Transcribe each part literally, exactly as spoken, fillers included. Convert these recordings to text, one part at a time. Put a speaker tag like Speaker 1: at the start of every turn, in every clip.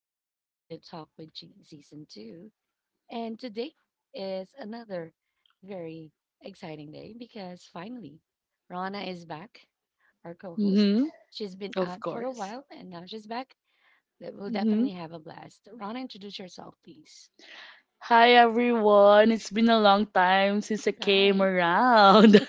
Speaker 1: and welcome to Daily Talk with Jean Season two. And today is another very exciting day because finally, Rana is back, our co host.
Speaker 2: Mm-hmm.
Speaker 1: She's been
Speaker 2: Of
Speaker 1: out for a
Speaker 2: course.
Speaker 1: while and now she's back. That we'll
Speaker 2: Mm-hmm.
Speaker 1: definitely have a blast. Rana, introduce yourself, please.
Speaker 2: Hi everyone. It's been a long time since I came
Speaker 1: Right.
Speaker 2: around.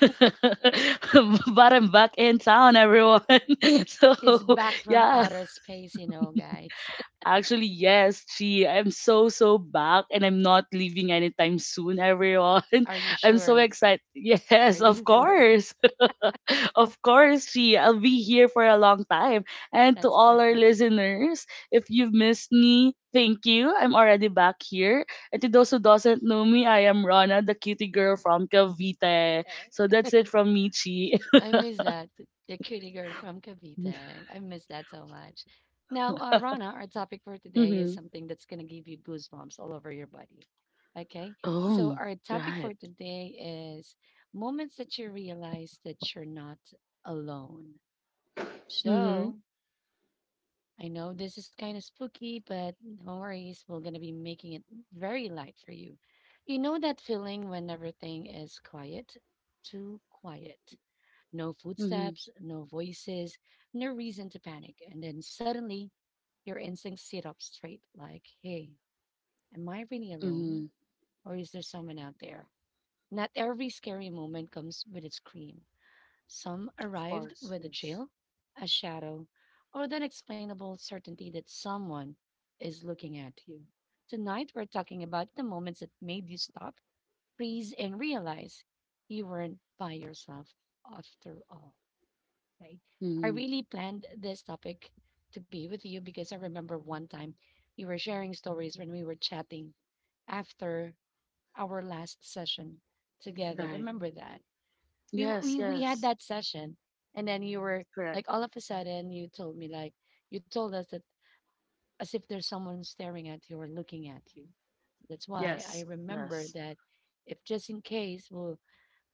Speaker 2: But I'm back in town, everyone.
Speaker 1: She's
Speaker 2: So
Speaker 1: back from
Speaker 2: yeah.
Speaker 1: outer space, you know, guys.
Speaker 2: Actually, yes, gee, I'm so so back and I'm not leaving anytime soon, everyone.
Speaker 1: Are you
Speaker 2: I'm so
Speaker 1: sure?
Speaker 2: excited.
Speaker 1: Are
Speaker 2: Yes,
Speaker 1: you
Speaker 2: of
Speaker 1: sure?
Speaker 2: course. Of course, G, I'll be here for a long time. And to
Speaker 1: That's
Speaker 2: all our
Speaker 1: perfect.
Speaker 2: listeners, if you've missed me, thank you. I'm already back here. And to those who doesn't know me, I am Rana, the cutie girl from Cavite. So that's it from me, Chi.
Speaker 1: I miss that. The cutie girl from Cavite. I miss that so much. Now, uh, Rana, our topic for today is
Speaker 2: Mm-hmm.
Speaker 1: something that's going to give you goosebumps all over your body. Okay. So,
Speaker 2: Oh,
Speaker 1: our topic for
Speaker 2: right.
Speaker 1: today is moments that you realize that you're not alone.
Speaker 2: Mm-hmm.
Speaker 1: So, I know this is kind of spooky, but no worries. We're going to be making it very light for you. You know that feeling when everything is quiet? Too quiet, no
Speaker 2: Mm-hmm.
Speaker 1: footsteps, no voices, no reason to panic. And then suddenly your instincts sit up straight like, hey, am I really alone?
Speaker 2: Mm-hmm.
Speaker 1: Or is there someone out there? Not every scary moment comes with a scream. Some
Speaker 2: Of
Speaker 1: arrived
Speaker 2: course,
Speaker 1: with a
Speaker 2: yes.
Speaker 1: chill, a shadow, or the unexplainable certainty that someone is looking at you. Tonight, we're talking about the moments that made you stop, freeze, and realize you weren't by yourself after all. Right. I
Speaker 2: Mm-hmm.
Speaker 1: really planned this topic to be with you because I remember one time you were sharing stories when we were chatting after our last session together.
Speaker 2: Right.
Speaker 1: Remember that? We w-
Speaker 2: Yes,
Speaker 1: we we had
Speaker 2: yes.
Speaker 1: that session and then you were
Speaker 2: Correct.
Speaker 1: like all of a sudden you told me like you told us that as if there's someone staring at you or looking at you. That's why I
Speaker 2: Yes,
Speaker 1: remember
Speaker 2: yes.
Speaker 1: that if just in case we'll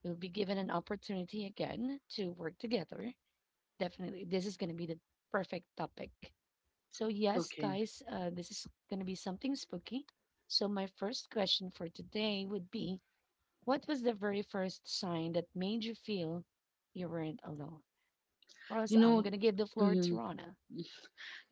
Speaker 1: we'll be given an opportunity again to work together definitely. This is going to be the perfect topic. So, yes,
Speaker 2: Okay.
Speaker 1: guys, uh, this is going to be something spooky. So, my first question for today would be: what was the very first sign that made you feel you weren't alone? Of course,
Speaker 2: You
Speaker 1: I'm going
Speaker 2: know,
Speaker 1: to give the floor to
Speaker 2: Mhm.
Speaker 1: Rana.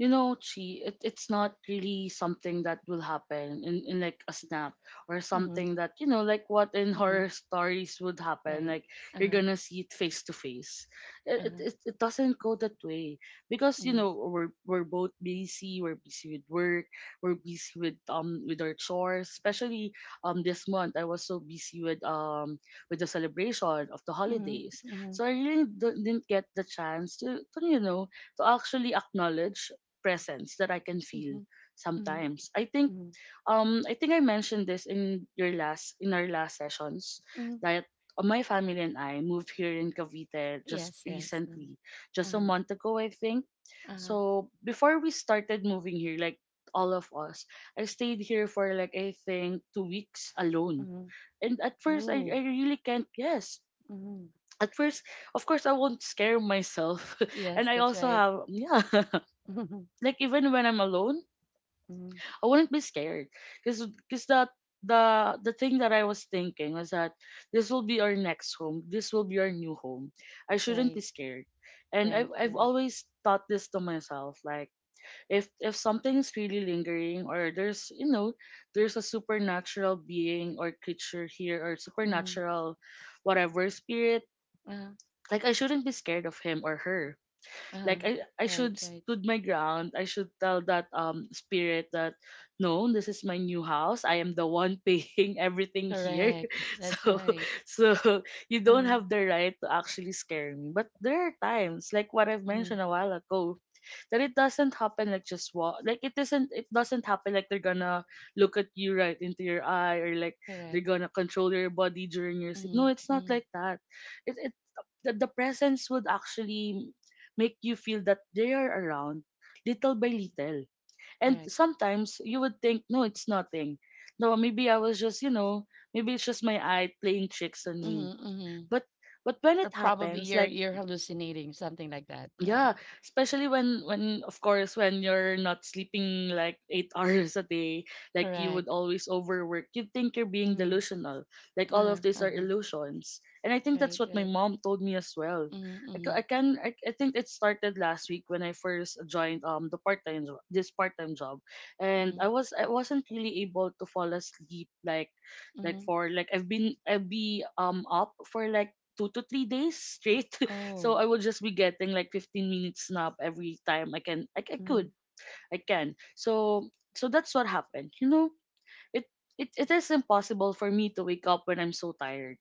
Speaker 2: You know, Chi, it, it's not really something that will happen in, in like a snap or
Speaker 1: Mm-hmm,
Speaker 2: something that, you know, like what in
Speaker 1: mm-hmm,
Speaker 2: horror stories would happen.
Speaker 1: right.
Speaker 2: Like
Speaker 1: Uh
Speaker 2: you're
Speaker 1: huh.
Speaker 2: gonna see it face to face.
Speaker 1: Uh
Speaker 2: It, it,
Speaker 1: huh.
Speaker 2: it it doesn't go that way because, you
Speaker 1: Mm-hmm,
Speaker 2: know, we're, we're both busy, we're busy with work, we're busy with, um, with our chores, especially, um, this month I was so busy with, um, with the celebration of the holidays.
Speaker 1: mm-hmm,
Speaker 2: So I really d- didn't get the chance to, to you know, to actually acknowledge presence that I can
Speaker 1: mm-hmm,
Speaker 2: feel
Speaker 1: mm-hmm,
Speaker 2: sometimes. I think
Speaker 1: mm-hmm,
Speaker 2: um I think I mentioned this in your last in our last sessions
Speaker 1: mm-hmm.
Speaker 2: that uh, my family and I moved here in Cavite just
Speaker 1: Yes, yes. Mhm.
Speaker 2: recently, just a
Speaker 1: Uh-huh.
Speaker 2: month ago I think.
Speaker 1: Uh-huh.
Speaker 2: So before we started moving here, like all of us, I stayed here for like I think two weeks alone.
Speaker 1: Mm-hmm.
Speaker 2: And at first I,
Speaker 1: Ooh.
Speaker 2: I really can't guess.
Speaker 1: Mm-hmm.
Speaker 2: At first, of course I won't scare myself.
Speaker 1: Yes,
Speaker 2: And I
Speaker 1: that's
Speaker 2: also
Speaker 1: right.
Speaker 2: have yeah like even when I'm alone,
Speaker 1: Mm-hmm.
Speaker 2: I wouldn't be scared because because that the the thing that I was thinking was that this will be our next home. This will be our new home. I shouldn't
Speaker 1: Right,
Speaker 2: be scared. And
Speaker 1: right,
Speaker 2: I've I've
Speaker 1: correct.
Speaker 2: always thought this to myself, like if if something's really lingering or there's you know, there's a supernatural being or creature here or
Speaker 1: Mm-hmm.
Speaker 2: supernatural whatever spirit,
Speaker 1: Uh,
Speaker 2: like I shouldn't be scared of him or her
Speaker 1: uh,
Speaker 2: like I, I
Speaker 1: right,
Speaker 2: should
Speaker 1: right.
Speaker 2: stood my ground. I should tell that um spirit that no, this is my new house. I am the one paying everything here.
Speaker 1: Correct. That's
Speaker 2: So
Speaker 1: right.
Speaker 2: so you don't
Speaker 1: Mm-hmm.
Speaker 2: have the right to actually scare me. But there are times, like what I've
Speaker 1: Mm-hmm.
Speaker 2: mentioned a while ago, that it doesn't happen like just walk like it isn't it doesn't happen like they're gonna look at you right into your eye or like
Speaker 1: Correct.
Speaker 2: they're gonna control your body during your sleep. No,
Speaker 1: Mm-hmm.
Speaker 2: it's not
Speaker 1: Mm-hmm.
Speaker 2: like that. It it the, the presence would actually make you feel that they are around little by little. And
Speaker 1: Correct.
Speaker 2: sometimes you would think, no, it's nothing. No, maybe I was just, you know, maybe it's just my eye playing tricks on me.
Speaker 1: Mm-hmm. Mm-hmm.
Speaker 2: But but when
Speaker 1: Or
Speaker 2: it
Speaker 1: probably
Speaker 2: happens,
Speaker 1: you're
Speaker 2: like
Speaker 1: you're hallucinating, something like that, right?
Speaker 2: yeah, especially when when of course when you're not sleeping like eight hours a day, like you would
Speaker 1: Correct.
Speaker 2: always overwork. You think you're being
Speaker 1: Mm-hmm.
Speaker 2: delusional. Like all
Speaker 1: Uh-huh.
Speaker 2: of these are
Speaker 1: Uh-huh.
Speaker 2: illusions. And I think
Speaker 1: Right,
Speaker 2: that's what my
Speaker 1: right.
Speaker 2: mom told me as well.
Speaker 1: Mm-hmm.
Speaker 2: I, ca-
Speaker 1: Mm-hmm.
Speaker 2: I can I, I think it started last week when I first joined um the part-time jo- this part-time job. And
Speaker 1: Mm-hmm.
Speaker 2: I was I wasn't really able to fall asleep like like
Speaker 1: Mm-hmm.
Speaker 2: for like I've been I'd be um up for like two to three days straight so
Speaker 1: Oh.
Speaker 2: I will just be getting like fifteen minutes nap every time I can. I, I
Speaker 1: Mm-hmm.
Speaker 2: could. I can. So so that's what happened. You know, it, it it is impossible for me to wake up when I'm so tired.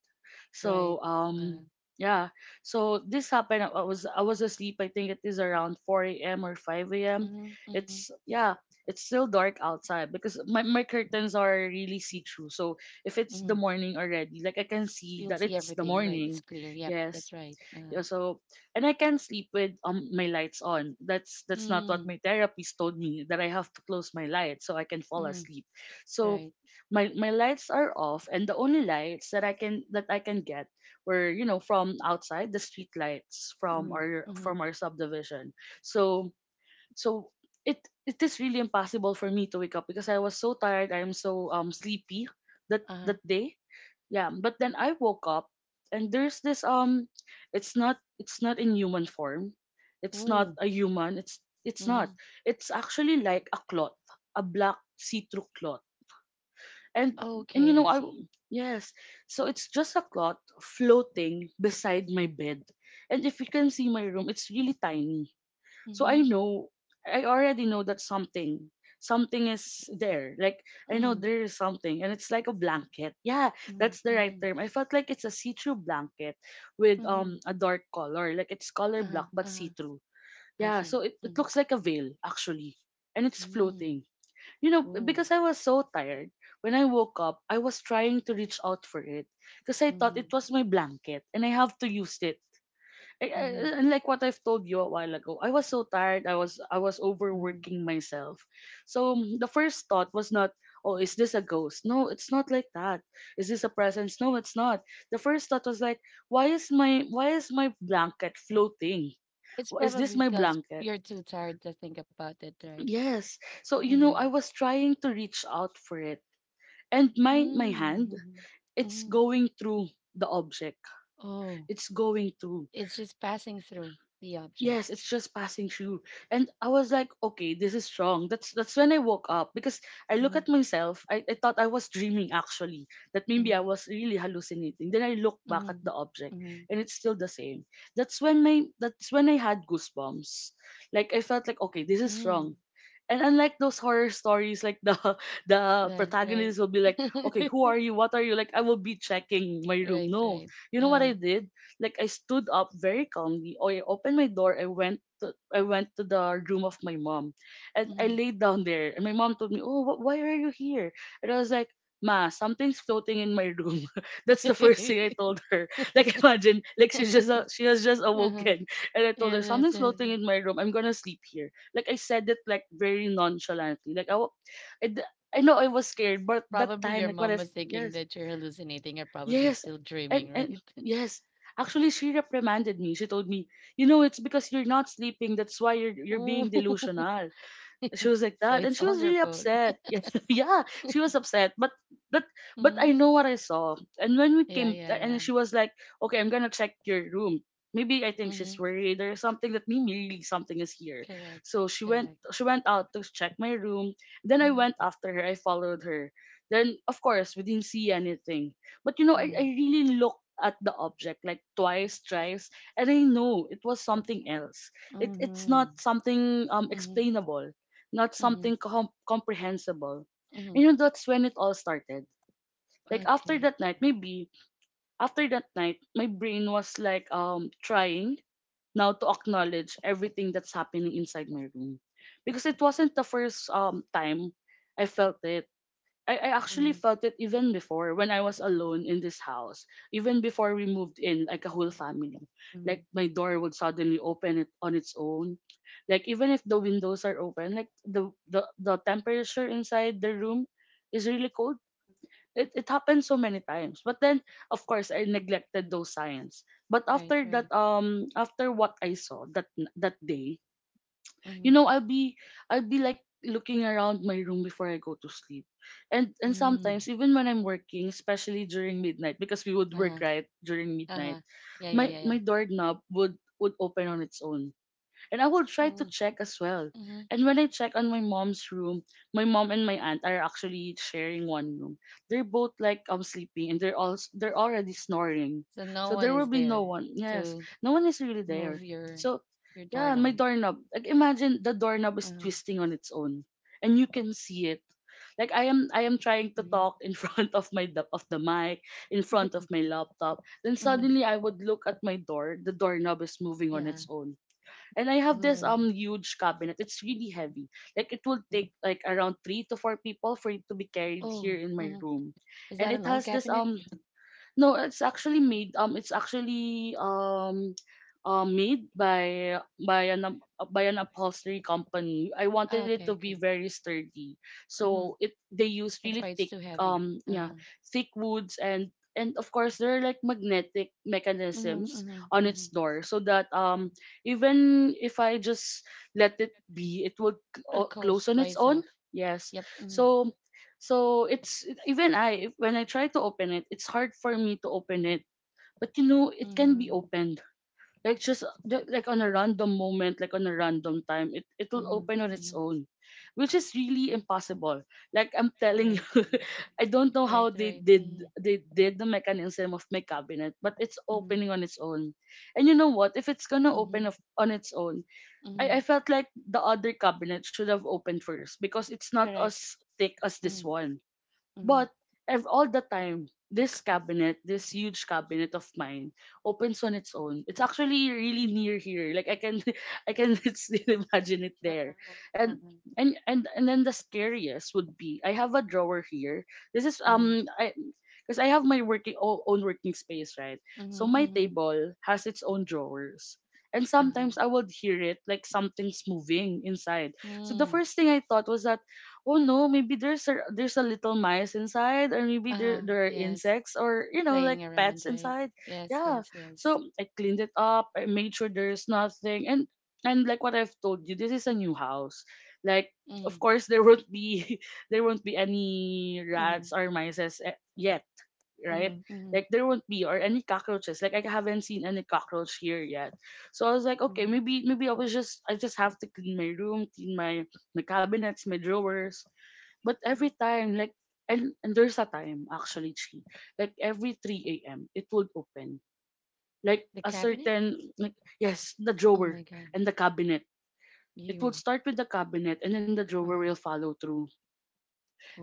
Speaker 1: Right.
Speaker 2: So um
Speaker 1: Uh,
Speaker 2: yeah. So this happened. I was I was asleep. I think it is around four a m or five a m.
Speaker 1: Mhm, mhm.
Speaker 2: It's yeah. It's still dark outside because my, my curtains are really see through. So if it's the
Speaker 1: Mhm.
Speaker 2: morning already, like I can see
Speaker 1: You'll
Speaker 2: that
Speaker 1: see
Speaker 2: it's the
Speaker 1: everything, right? It's
Speaker 2: morning.
Speaker 1: clear. Yep,
Speaker 2: Yes.
Speaker 1: that's right. Uh,
Speaker 2: Yeah, so and I can sleep with um my lights on. That's that's not what
Speaker 1: mm,
Speaker 2: my therapist told me that I have to close my lights so I can fall
Speaker 1: mm,
Speaker 2: asleep. So
Speaker 1: right.
Speaker 2: my my lights are off and the only lights that I can that I can get were you know from outside the street lights from
Speaker 1: Mm,
Speaker 2: our
Speaker 1: mm,
Speaker 2: from our subdivision. So so it it is really impossible for me to wake up because I was so tired. I am so um sleepy that
Speaker 1: uh-huh.
Speaker 2: that day yeah but then I woke up and there's this um it's not it's not in human form, it's not
Speaker 1: Ooh,
Speaker 2: a human, it's it's not,
Speaker 1: mm-hmm.
Speaker 2: it's actually like a cloth, a black see-through cloth. And and you
Speaker 1: Okay,
Speaker 2: know
Speaker 1: I
Speaker 2: I,
Speaker 1: see.
Speaker 2: yes, so it's just a cloth floating beside my bed. And if you can see my room it's really tiny, so I
Speaker 1: Mm-hmm,
Speaker 2: know, I already know that something, something is there. Like I know
Speaker 1: mm-hmm,
Speaker 2: there is something, and it's like a blanket. Yeah,
Speaker 1: mm-hmm,
Speaker 2: that's the right
Speaker 1: mm-hmm,
Speaker 2: term. I felt like it's a see-through blanket with
Speaker 1: mm-hmm.
Speaker 2: um a dark color, like it's color
Speaker 1: Uh-huh,
Speaker 2: black but
Speaker 1: uh-huh.
Speaker 2: see-through.
Speaker 1: I
Speaker 2: Yeah,
Speaker 1: see.
Speaker 2: so it, it
Speaker 1: Mm-hmm,
Speaker 2: looks like a veil actually, and it's
Speaker 1: mm-hmm.
Speaker 2: floating. You know,
Speaker 1: Ooh,
Speaker 2: because I was so tired when I woke up, I was trying to reach out for it because I thought
Speaker 1: mm-hmm,
Speaker 2: it was my blanket and I have to use it. I- I-
Speaker 1: mm-hmm,
Speaker 2: and like what I've told you a while ago, I was so tired. I was I was
Speaker 1: mm-hmm.
Speaker 2: overworking myself. So mm, the first thought was not, oh, is this a ghost? No, it's not like that. Is this a presence? No, it's not. The first thought was like, why is my why is my blanket floating?
Speaker 1: It's
Speaker 2: Wh- Is this
Speaker 1: probably
Speaker 2: my
Speaker 1: because
Speaker 2: blanket?
Speaker 1: you're too tired to think about it, right?
Speaker 2: Yes. So you know,
Speaker 1: Mm-hmm.
Speaker 2: I was trying to reach out for it, and my my hand,
Speaker 1: Mm-hmm.
Speaker 2: it's
Speaker 1: Mm-hmm.
Speaker 2: going through the object.
Speaker 1: Oh,
Speaker 2: It's going through.
Speaker 1: it's just passing through the object.
Speaker 2: Yes, it's just passing through. And I was like, okay, this is wrong. That's that's when I woke up because I look
Speaker 1: Mm-hmm.
Speaker 2: at myself. I, I thought I was dreaming actually. That maybe I
Speaker 1: Mm-hmm.
Speaker 2: was really hallucinating. Then I look back
Speaker 1: Mm-hmm.
Speaker 2: at the object
Speaker 1: Mm-hmm.
Speaker 2: and it's still the same. That's when my that's when I had goosebumps. Like I felt like okay, this is wrong.
Speaker 1: Mm.
Speaker 2: And unlike those horror stories, like the the
Speaker 1: Yeah, right.
Speaker 2: protagonist will be like, okay, who are you? What are you? Like, I will be checking my room.
Speaker 1: Right,
Speaker 2: No,
Speaker 1: right.
Speaker 2: you know what
Speaker 1: Yeah.
Speaker 2: I did? Like, I stood up very calmly. I opened my door. I went. To, I went to the room of my mom, and I
Speaker 1: Mm-hmm.
Speaker 2: laid down there. And my mom told me, "Oh, wh- why are you here?" And I was like, "Ma, something's floating in my room." That's the first thing I told her. Like, imagine, like she just uh, she has just
Speaker 1: Uh-huh.
Speaker 2: awoken, and I told
Speaker 1: Yeah,
Speaker 2: her
Speaker 1: that's,
Speaker 2: something's
Speaker 1: that's,
Speaker 2: floating
Speaker 1: that's-
Speaker 2: in my room. I'm gonna sleep here like I said it like very nonchalantly. Like I, wa- I, d- I know I was scared, but that
Speaker 1: probably
Speaker 2: time,
Speaker 1: your
Speaker 2: like what
Speaker 1: mom
Speaker 2: if
Speaker 1: was thinking
Speaker 2: yes,
Speaker 1: that you're hallucinating or probably
Speaker 2: yes,
Speaker 1: still dreaming,
Speaker 2: and and
Speaker 1: right?
Speaker 2: yes. Actually, she reprimanded me. She told me, you know, it's because you're not sleeping. That's why you're you're
Speaker 1: Ooh.
Speaker 2: being delusional. She was like
Speaker 1: So
Speaker 2: that
Speaker 1: it's
Speaker 2: and she
Speaker 1: all
Speaker 2: was
Speaker 1: your
Speaker 2: really
Speaker 1: fault.
Speaker 2: upset. yeah yeah She was upset, but but but I
Speaker 1: Mhm.
Speaker 2: know what I saw. And when we
Speaker 1: Yeah,
Speaker 2: came
Speaker 1: yeah, yeah.
Speaker 2: and she was like, okay, I'm gonna check your room. Maybe, I think she's
Speaker 1: Mhm.
Speaker 2: worried there's something, that maybe really something is here.
Speaker 1: Correct.
Speaker 2: so she went
Speaker 1: Correct.
Speaker 2: she went out to check my room, then I
Speaker 1: Mhm.
Speaker 2: went after her. I followed her. Then of course we didn't see anything. But you know i, I
Speaker 1: Mhm.
Speaker 2: really looked at the object like twice, thrice, and I know it was something else. It, it's not
Speaker 1: Mhm.
Speaker 2: something um
Speaker 1: Mhm.
Speaker 2: explainable, not
Speaker 1: Mhm.
Speaker 2: something com- comprehensible.
Speaker 1: Mhm.
Speaker 2: And you know, that's when it all started. Like after
Speaker 1: Okay.
Speaker 2: that night, maybe after that night, my brain was like um trying now to acknowledge everything that's happening inside my room, because it wasn't the first um time I felt it. I, I actually
Speaker 1: Mhm.
Speaker 2: felt it even before when I was alone in this house. Even before we moved in, like a whole family.
Speaker 1: Mhm.
Speaker 2: Like my door would suddenly open it on its own. Like even if the windows are open, like the the, the temperature inside the room is really cold. It it happened so many times. But then of course I neglected those signs. But
Speaker 1: Right,
Speaker 2: after
Speaker 1: right.
Speaker 2: that um after what I saw that that day, you
Speaker 1: Mhm.
Speaker 2: know i'll be I'll be like looking around my room before I go to sleep. And and
Speaker 1: Mhm.
Speaker 2: sometimes even when I'm working, especially during midnight, because we would work
Speaker 1: Uh-huh.
Speaker 2: right during
Speaker 1: Uh-huh.
Speaker 2: midnight,
Speaker 1: Yeah, yeah,
Speaker 2: my
Speaker 1: yeah, yeah.
Speaker 2: my doorknob would would open on its own, and I will try to
Speaker 1: Mhm.
Speaker 2: check as well.
Speaker 1: Mhm.
Speaker 2: And when I check on my mom's room, my mom and my aunt are actually sharing one room. They're both like um sleeping and they're all they're already snoring.
Speaker 1: So no
Speaker 2: So
Speaker 1: one
Speaker 2: there will
Speaker 1: is
Speaker 2: be no
Speaker 1: there
Speaker 2: one. Yes,
Speaker 1: to
Speaker 2: no one is really
Speaker 1: move
Speaker 2: there.
Speaker 1: your
Speaker 2: So
Speaker 1: your
Speaker 2: yeah, my
Speaker 1: doorknob.
Speaker 2: doorknob. Like imagine the doorknob is
Speaker 1: Uh-huh.
Speaker 2: twisting on its own and you can see it. Like I am I am trying to
Speaker 1: Mhm.
Speaker 2: talk in front of my do- of the mic, in front of my laptop. Then
Speaker 1: Mhm.
Speaker 2: suddenly I would look at my door, the doorknob is moving on
Speaker 1: Yeah.
Speaker 2: its own. And I have this
Speaker 1: Oh.
Speaker 2: um huge cabinet. It's really
Speaker 1: Mhm.
Speaker 2: heavy. Like it will take like around three to four people for it to be carried
Speaker 1: Oh.
Speaker 2: here in my
Speaker 1: Mhm.
Speaker 2: room.
Speaker 1: Is that
Speaker 2: And
Speaker 1: an
Speaker 2: it
Speaker 1: old
Speaker 2: has this
Speaker 1: cabinet?
Speaker 2: um no, it's actually made. Um, it's actually um, uh, made by by an up- by an upholstery company. I
Speaker 1: Ah,
Speaker 2: wanted it
Speaker 1: okay,
Speaker 2: to be
Speaker 1: okay.
Speaker 2: very sturdy,
Speaker 1: Mhm.
Speaker 2: so it they use
Speaker 1: That's why
Speaker 2: really
Speaker 1: it's
Speaker 2: thick
Speaker 1: too heavy.
Speaker 2: um yeah,
Speaker 1: Uh-huh.
Speaker 2: thick woods and and of course there are like magnetic
Speaker 1: Mhm,
Speaker 2: mechanisms
Speaker 1: mhm,
Speaker 2: on
Speaker 1: mhm.
Speaker 2: its door so that um even if I just let it be, it would c-
Speaker 1: It
Speaker 2: o-
Speaker 1: goes
Speaker 2: close
Speaker 1: by
Speaker 2: on its
Speaker 1: itself.
Speaker 2: own. Yes.
Speaker 1: Yep. Mhm,
Speaker 2: So so it's even I when I try to open it, it's hard for me to open it. But you know, it can be
Speaker 1: mhm,
Speaker 2: opened. Like just ju- like on a random moment, like on a random time, it it'll
Speaker 1: mhm,
Speaker 2: open on its
Speaker 1: mhm.
Speaker 2: own, which is really impossible. Like I'm telling
Speaker 1: Right.
Speaker 2: you, I don't know
Speaker 1: Right,
Speaker 2: how they
Speaker 1: right.
Speaker 2: did
Speaker 1: Mhm,
Speaker 2: they did the mechanism of my cabinet, but it's
Speaker 1: mhm,
Speaker 2: opening on its own. And you know what? If it's gonna open
Speaker 1: mhm,
Speaker 2: of- on its own,
Speaker 1: mhm.
Speaker 2: I I felt like the other cabinet should have opened first because it's not
Speaker 1: Correct.
Speaker 2: as thick as
Speaker 1: Mhm,
Speaker 2: this one
Speaker 1: mhm.
Speaker 2: but ev- all the time, this cabinet, this huge cabinet of mine, opens on its own. It's actually really near here. Like I can, I can still imagine it there.
Speaker 1: Uh-huh,
Speaker 2: And
Speaker 1: uh-huh.
Speaker 2: and and and then the scariest would be I have a drawer here. This is
Speaker 1: Mhm,
Speaker 2: um I. Because I have my working o- own working space, right?
Speaker 1: mhm,
Speaker 2: So my
Speaker 1: mhm.
Speaker 2: table has its own drawers, and
Speaker 1: Uh-huh.
Speaker 2: sometimes I would hear it like something's moving inside. So the
Speaker 1: Mm.
Speaker 2: first thing I thought was that oh no, maybe there's a there's a little mice inside, or maybe
Speaker 1: Uh-huh.
Speaker 2: there there are
Speaker 1: Yes.
Speaker 2: insects or you know
Speaker 1: Playing
Speaker 2: like
Speaker 1: around,
Speaker 2: pets
Speaker 1: right?
Speaker 2: inside.
Speaker 1: Yes,
Speaker 2: Yeah.
Speaker 1: yes, yes.
Speaker 2: So I cleaned it up. I made sure there's nothing, and and like what I've told you, this is a new house. Like
Speaker 1: Mhm,
Speaker 2: of course there won't be there won't be any
Speaker 1: mhm,
Speaker 2: rats or mice yet, right?
Speaker 1: mhm, mhm,
Speaker 2: Like there won't be or any cockroaches. Like I haven't seen any cockroach here yet. So I was like, okay,
Speaker 1: mhm,
Speaker 2: maybe maybe I was just I just have to clean my room, clean my my cabinets, my drawers but
Speaker 1: mhm.
Speaker 2: every time, like, and, and there's a time actually, Chi, like every three a m, it would open. Like
Speaker 1: The
Speaker 2: a
Speaker 1: cabinet?
Speaker 2: certain, like, yes, the
Speaker 1: Oh my
Speaker 2: drawer
Speaker 1: God.
Speaker 2: and the cabinet. It would
Speaker 1: You.
Speaker 2: start with the cabinet and then the drawer
Speaker 1: Uh-huh.
Speaker 2: will follow through.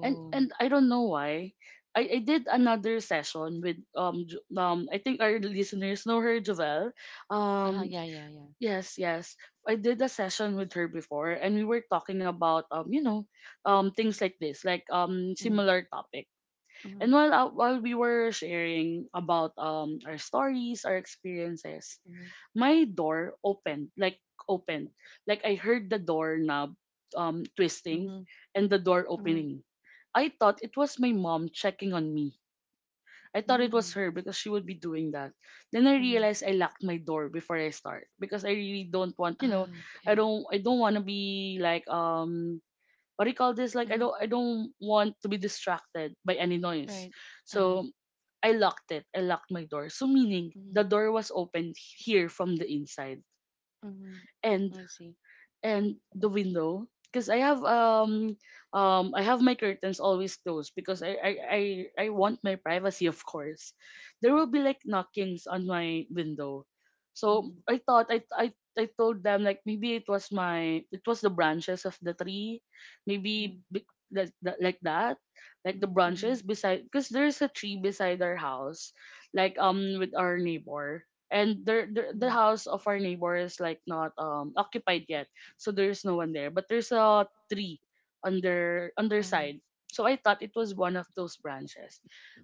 Speaker 2: And and I don't know why. I, I did another session with um Jo- um I think our listeners know her Jovel
Speaker 1: Uh-huh.
Speaker 2: um
Speaker 1: Yeah, yeah, yeah.
Speaker 2: yes, yes, I did a session with her before and we were talking about um you know um things like this like um
Speaker 1: Mm.
Speaker 2: similar topics.
Speaker 1: Mm-hmm.
Speaker 2: And while uh, while we were sharing about um our stories, our experiences,
Speaker 1: Mm-hmm.
Speaker 2: my door opened, like opened. Like I heard the door knob um twisting
Speaker 1: Mm-hmm.
Speaker 2: and the door
Speaker 1: Mm-hmm.
Speaker 2: opening. I thought it was my mom checking on me. I thought it was
Speaker 1: Mm.
Speaker 2: her because she would be doing that.
Speaker 1: Hmm mm hmm mm
Speaker 2: Then I
Speaker 1: hmm mm hmm mm hmm.
Speaker 2: realized I locked my door before I start because I really don't want, you know,
Speaker 1: Ah,
Speaker 2: I
Speaker 1: okay.
Speaker 2: don't I don't want to be like um what do you call this? Like I
Speaker 1: Mm.
Speaker 2: don't I don't want to be distracted by any noise.
Speaker 1: Right. Uh-huh.
Speaker 2: So I locked it. I locked my door. So meaning
Speaker 1: Mm-hmm.
Speaker 2: the door was opened here from the inside.
Speaker 1: Mm-hmm.
Speaker 2: And
Speaker 1: I see.
Speaker 2: and the window because I have um um I have my curtains always closed because I, I I I want my privacy of course. There
Speaker 1: Mm-hmm.
Speaker 2: will be like knockings on my window. So
Speaker 1: Mm-hmm.
Speaker 2: I thought I I I told them like maybe it was my it was the branches of the tree, maybe be- like that like that, like the
Speaker 1: Mm-hmm. Mm-hmm.
Speaker 2: branches beside because there's a tree beside our house, like um with our neighbor, and there, there
Speaker 1: Mm-hmm.
Speaker 2: the house of our neighbor is like not um occupied yet so there's no one there. But there's a tree on their
Speaker 1: Uh-huh.
Speaker 2: underside. So I thought it was one of those branches.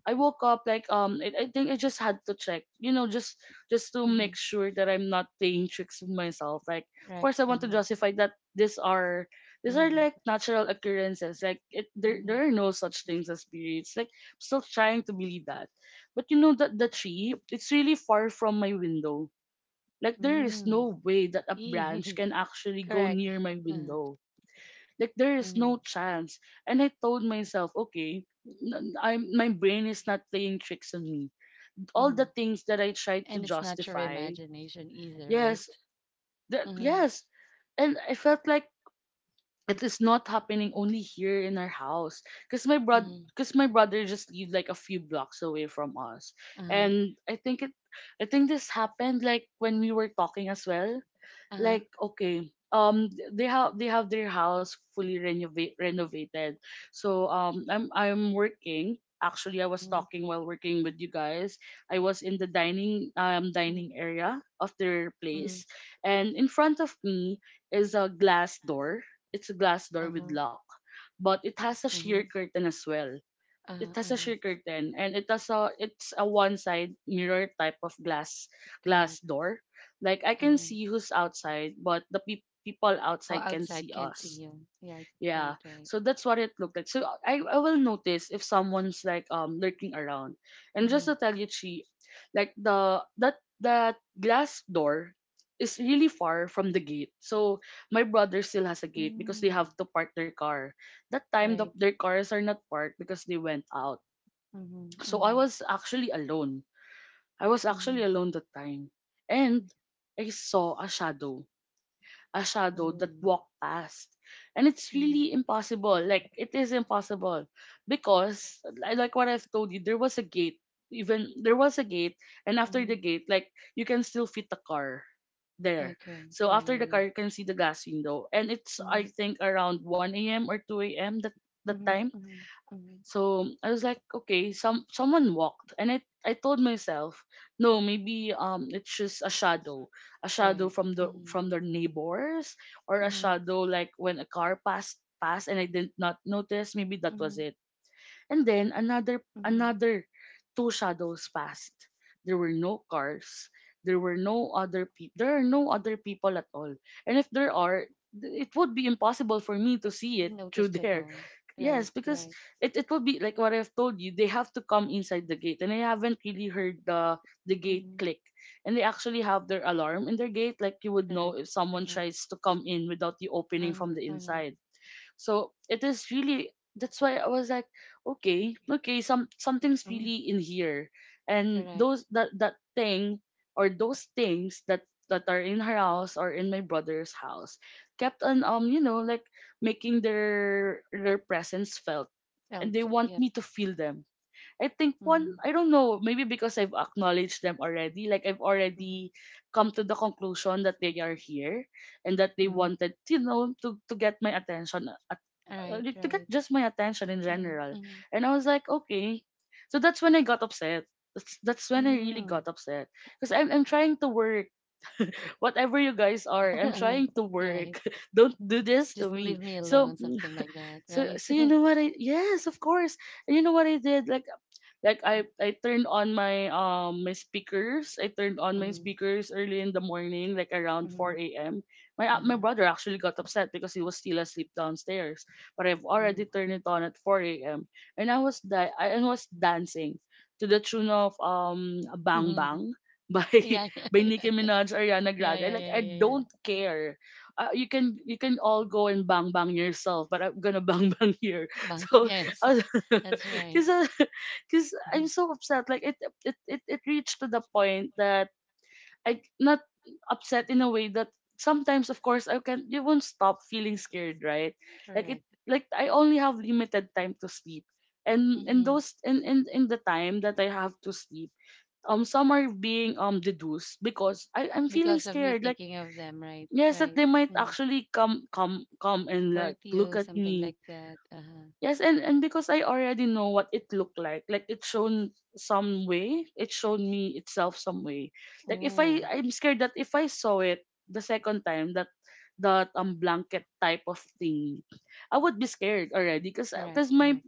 Speaker 2: I woke up like um I, I think I just had to check, you know, just just to
Speaker 1: Mm-hmm.
Speaker 2: make sure that I'm not playing tricks with myself. Like of
Speaker 1: Correct.
Speaker 2: course I want to
Speaker 1: Uh-huh.
Speaker 2: justify that these are these are
Speaker 1: Mm-hmm.
Speaker 2: like natural occurrences. Like it there
Speaker 1: Mm-hmm.
Speaker 2: there are no such things as periods. Like I'm still trying to believe that. But you know that the tree, it's really far from my window. Like there is
Speaker 1: Mm.
Speaker 2: no way that a branch
Speaker 1: Eeh.
Speaker 2: can actually go
Speaker 1: Correct.
Speaker 2: near my
Speaker 1: Uh-huh.
Speaker 2: window. Like there is
Speaker 1: Mm-hmm.
Speaker 2: no chance. And I told myself, okay, n- I'm my brain is not playing tricks on me. All
Speaker 1: Mm-hmm.
Speaker 2: the things that I tried to
Speaker 1: And it's not your
Speaker 2: justify,
Speaker 1: imagination either, right?
Speaker 2: yes, that,
Speaker 1: Uh-huh.
Speaker 2: yes, and I felt like it is not happening only here in our house because my bro,
Speaker 1: Mm-hmm.
Speaker 2: because my brother just lived like a few blocks away from us
Speaker 1: Uh-huh.
Speaker 2: and i think it I think this happened like when we were talking as well,
Speaker 1: Uh-huh.
Speaker 2: like okay, um they have they have their house fully renovate renovated, so um i'm I'm working. Actually, I was
Speaker 1: Mm-hmm.
Speaker 2: talking while working with you guys. I was in the dining um dining
Speaker 1: Mm-hmm.
Speaker 2: area of their
Speaker 1: Mm,
Speaker 2: place, and in front of me is a glass door. It's a glass door with
Speaker 1: uh-huh,
Speaker 2: lock, but it has a sheer
Speaker 1: mhm,
Speaker 2: curtain as well. It
Speaker 1: uh-huh,
Speaker 2: has a
Speaker 1: uh-huh.
Speaker 2: sheer curtain and it has a it's a one side mirror type of glass glass
Speaker 1: Correct.
Speaker 2: door. Like I can
Speaker 1: Uh-huh.
Speaker 2: see who's outside, but the pe people
Speaker 1: Well,
Speaker 2: outside can see
Speaker 1: outside can't see
Speaker 2: us.
Speaker 1: you. Right, right,
Speaker 2: Yeah,
Speaker 1: right.
Speaker 2: so that's what it looked like. So I, I will notice if someone's like um lurking around, and just
Speaker 1: Mm-hmm.
Speaker 2: to tell you, Chi, like the that that glass door is really far from the gate. So my brother still has a gate because they have
Speaker 1: Mm,
Speaker 2: to park their car. That time the,
Speaker 1: right.
Speaker 2: their cars are not parked because they went out.
Speaker 1: Mm-hmm.
Speaker 2: So I
Speaker 1: Mm-hmm.
Speaker 2: was actually alone. I was actually
Speaker 1: Mm-hmm.
Speaker 2: alone that time. And I saw a shadow, a shadow that
Speaker 1: Oh.
Speaker 2: walked past. And it's
Speaker 1: Mm-hmm.
Speaker 2: really impossible. Like, it is impossible. Because, li- like what I've told you, there was a gate. Even there was a gate. And after the
Speaker 1: Mm-hmm.
Speaker 2: gate, like, you can still fit the car there.
Speaker 1: Okay.
Speaker 2: So
Speaker 1: Yeah,
Speaker 2: after
Speaker 1: yeah,
Speaker 2: the
Speaker 1: yeah.
Speaker 2: car, you can see the glass window. And it's, I
Speaker 1: Mm-hmm.
Speaker 2: think, around one a m or two a m that, that
Speaker 1: Mm-hmm.
Speaker 2: time,
Speaker 1: Mm-hmm.
Speaker 2: so I was like, okay, some someone walked, and I I told myself, no, maybe um it's just a shadow, a
Speaker 1: Mm-hmm.
Speaker 2: shadow
Speaker 1: Right.
Speaker 2: from the
Speaker 1: Mm-hmm.
Speaker 2: from their neighbors, or a
Speaker 1: Mm-hmm.
Speaker 2: shadow like when a car passed passed and I did not notice. Maybe that was
Speaker 1: Mm-hmm.
Speaker 2: it. And then another
Speaker 1: Mm-hmm.
Speaker 2: another two shadows passed. There were no cars. There were no other pe- there are no other people at all. And if there are, th- it would be impossible for me to
Speaker 1: It
Speaker 2: see
Speaker 1: would be
Speaker 2: it through there.
Speaker 1: noticeable. Right,
Speaker 2: Yes, because
Speaker 1: right.
Speaker 2: it, it would be like what I've told you, they have to come inside the gate. And I haven't really heard the the gate
Speaker 1: Mm-hmm.
Speaker 2: click. And they actually have their alarm in their gate, like you would know
Speaker 1: Correct.
Speaker 2: if someone
Speaker 1: Uh-huh.
Speaker 2: tries to come in without you opening from the
Speaker 1: Uh-huh.
Speaker 2: inside. So it is really that's why I was like, okay, okay, some something's
Speaker 1: Uh-huh. Mm,
Speaker 2: really in here, and
Speaker 1: correct.
Speaker 2: those that that thing or those things that that are in her house or in my brother's house kept on um you know like making their their presence felt and they
Speaker 1: Felt,
Speaker 2: want
Speaker 1: yeah.
Speaker 2: me to feel them. I think one,
Speaker 1: Mhm,
Speaker 2: I don't know, maybe because I've acknowledged them already. Like, I've
Speaker 1: mhm,
Speaker 2: already come to the conclusion that they are here and that they
Speaker 1: mhm.
Speaker 2: wanted, you know, to, to get my attention, at, uh,
Speaker 1: Right,
Speaker 2: like, to get
Speaker 1: right.
Speaker 2: just my attention in
Speaker 1: Mhm,
Speaker 2: general.
Speaker 1: mhm.
Speaker 2: And I was like, okay. So that's when I got upset. That's, that's when I really got
Speaker 1: Mm.
Speaker 2: upset. Because I'm, I'm trying to work. Whatever you guys are, I'm trying to work.
Speaker 1: Right.
Speaker 2: don't do this to
Speaker 1: Just
Speaker 2: me.
Speaker 1: leave me
Speaker 2: So,
Speaker 1: alone, something like that,
Speaker 2: so,
Speaker 1: right?
Speaker 2: so you know what I, yes, of course. And you know what I did? Like, like I I turned on my um my speakers. I turned on my
Speaker 1: Mhm,
Speaker 2: speakers early in the morning, like around
Speaker 1: mhm,
Speaker 2: four a m My uh, my
Speaker 1: uh-huh,
Speaker 2: brother actually got upset because he was still asleep downstairs. But I've
Speaker 1: mhm,
Speaker 2: already turned it on at four a m and I was da- I I was dancing to the tune of um Bang Bang
Speaker 1: mhm.
Speaker 2: by
Speaker 1: Yeah, yeah,
Speaker 2: by Nicki
Speaker 1: yeah,
Speaker 2: Minaj, Ariana
Speaker 1: yeah,
Speaker 2: Grande.
Speaker 1: yeah,
Speaker 2: Like
Speaker 1: yeah,
Speaker 2: I
Speaker 1: yeah, yeah. Yeah.
Speaker 2: don't care, uh, you can you can all go and bang bang yourself, but I'm gonna bang bang here.
Speaker 1: Bang-
Speaker 2: So,
Speaker 1: Yes, that's right.
Speaker 2: because cause I'm
Speaker 1: Mhm.
Speaker 2: so upset. Like it, it, it, it reached to the point that I not upset in a way that sometimes, of course, I can you won't stop feeling scared, right? Like it,
Speaker 1: Correct.
Speaker 2: like I only have limited time to sleep, and in
Speaker 1: Mhm.
Speaker 2: those in in in the time that I have to sleep, um, some are being um deduced because I I'm feeling
Speaker 1: Because of you
Speaker 2: scared. Like
Speaker 1: thinking of them, right?
Speaker 2: yes, that
Speaker 1: Right.
Speaker 2: they might
Speaker 1: Mm.
Speaker 2: actually come come come and like
Speaker 1: Hurt
Speaker 2: look
Speaker 1: you,
Speaker 2: at
Speaker 1: something
Speaker 2: me.
Speaker 1: like that. Uh-huh.
Speaker 2: Yes, and, and because I already know what it looked like, like it shown some way, it showed me itself some way. Like if I,
Speaker 1: Oh,
Speaker 2: I'm scared that if I saw it the second time, that that um blanket type of thing, I would be scared already, cause
Speaker 1: correct,
Speaker 2: cause my,
Speaker 1: correct.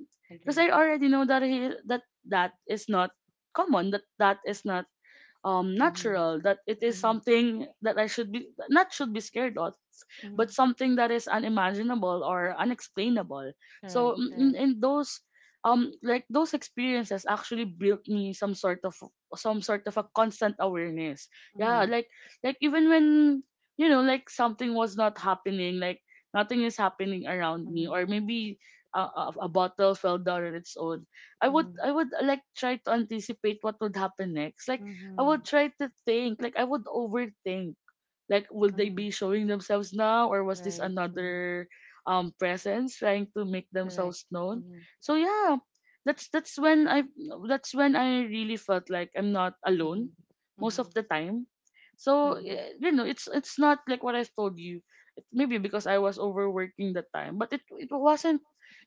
Speaker 2: cause
Speaker 1: Agree.
Speaker 2: I already know that he that that is not common, that that is not um
Speaker 1: Mhm,
Speaker 2: natural, that it is
Speaker 1: mhm.
Speaker 2: something that I should be not should be scared of, but
Speaker 1: Mhm.
Speaker 2: something that is unimaginable or unexplainable.
Speaker 1: Correct,
Speaker 2: So mm, in,
Speaker 1: correct.
Speaker 2: in those um like those experiences actually built me some sort of, some sort of a constant awareness. Yeah,
Speaker 1: Mhm,
Speaker 2: like like even when, you know, like something was not happening, like nothing is happening around me,
Speaker 1: mhm,
Speaker 2: or maybe a, a, a bottle fell down on its own, i would
Speaker 1: mhm,
Speaker 2: i would uh, like try to anticipate what would happen next. Like I would
Speaker 1: mhm,
Speaker 2: try to think. Like I would overthink. Like will they
Speaker 1: mhm.
Speaker 2: be showing themselves now, or was this
Speaker 1: Right. Mhm.
Speaker 2: another um presence trying to make
Speaker 1: Correct.
Speaker 2: themselves known?
Speaker 1: Mhm,
Speaker 2: So yeah, that's that's when I that's when I really felt like I'm not alone
Speaker 1: mhm,
Speaker 2: most of
Speaker 1: mhm,
Speaker 2: the time. So
Speaker 1: mhm,
Speaker 2: y- you know, it's it's not like what I've told you. It, maybe because I was overworking that time, but it it wasn't.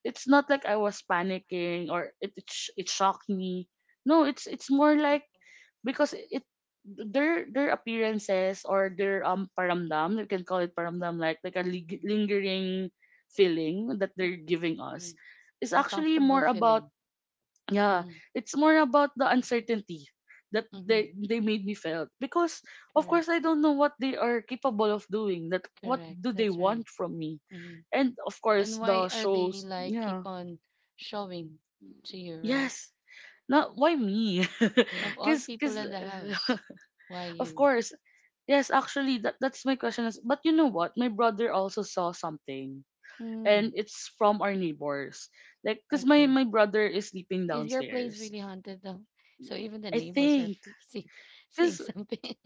Speaker 2: It's not like I was panicking or it it, sh- it shocked me. No, it's it's more
Speaker 1: mhm,
Speaker 2: like because it, their their appearances or their um paramdam, you can call it paramdam, like like a lig-
Speaker 1: mhm,
Speaker 2: lingering feeling that
Speaker 1: mhm,
Speaker 2: they're giving
Speaker 1: mhm.
Speaker 2: us is actually
Speaker 1: Uncomfortable
Speaker 2: more about,
Speaker 1: feeling.
Speaker 2: yeah,
Speaker 1: Mhm,
Speaker 2: it's more about the uncertainty that they
Speaker 1: mhm.
Speaker 2: they made me felt, because of course
Speaker 1: Correct,
Speaker 2: I don't know what they are capable of doing, that what
Speaker 1: correct.
Speaker 2: do they
Speaker 1: That's right.
Speaker 2: want from me,
Speaker 1: Mhm.
Speaker 2: and of course
Speaker 1: And why
Speaker 2: the
Speaker 1: are they
Speaker 2: shows.
Speaker 1: like keep
Speaker 2: Yeah.
Speaker 1: on showing to you, right?
Speaker 2: Yes. Not why me?
Speaker 1: Of all
Speaker 2: Cause,
Speaker 1: people
Speaker 2: cause,
Speaker 1: in the house, why
Speaker 2: of
Speaker 1: you?
Speaker 2: course. Yes, actually, that that's my question. Is, but you know what? My brother also saw something, and
Speaker 1: Mm,
Speaker 2: it's from our neighbors. Like, cause my
Speaker 1: okay.
Speaker 2: my brother is sleeping
Speaker 1: Is your place
Speaker 2: downstairs.
Speaker 1: really haunted though? So even the
Speaker 2: I
Speaker 1: neighbors are
Speaker 2: think,
Speaker 1: f- see, seeing
Speaker 2: cause
Speaker 1: something.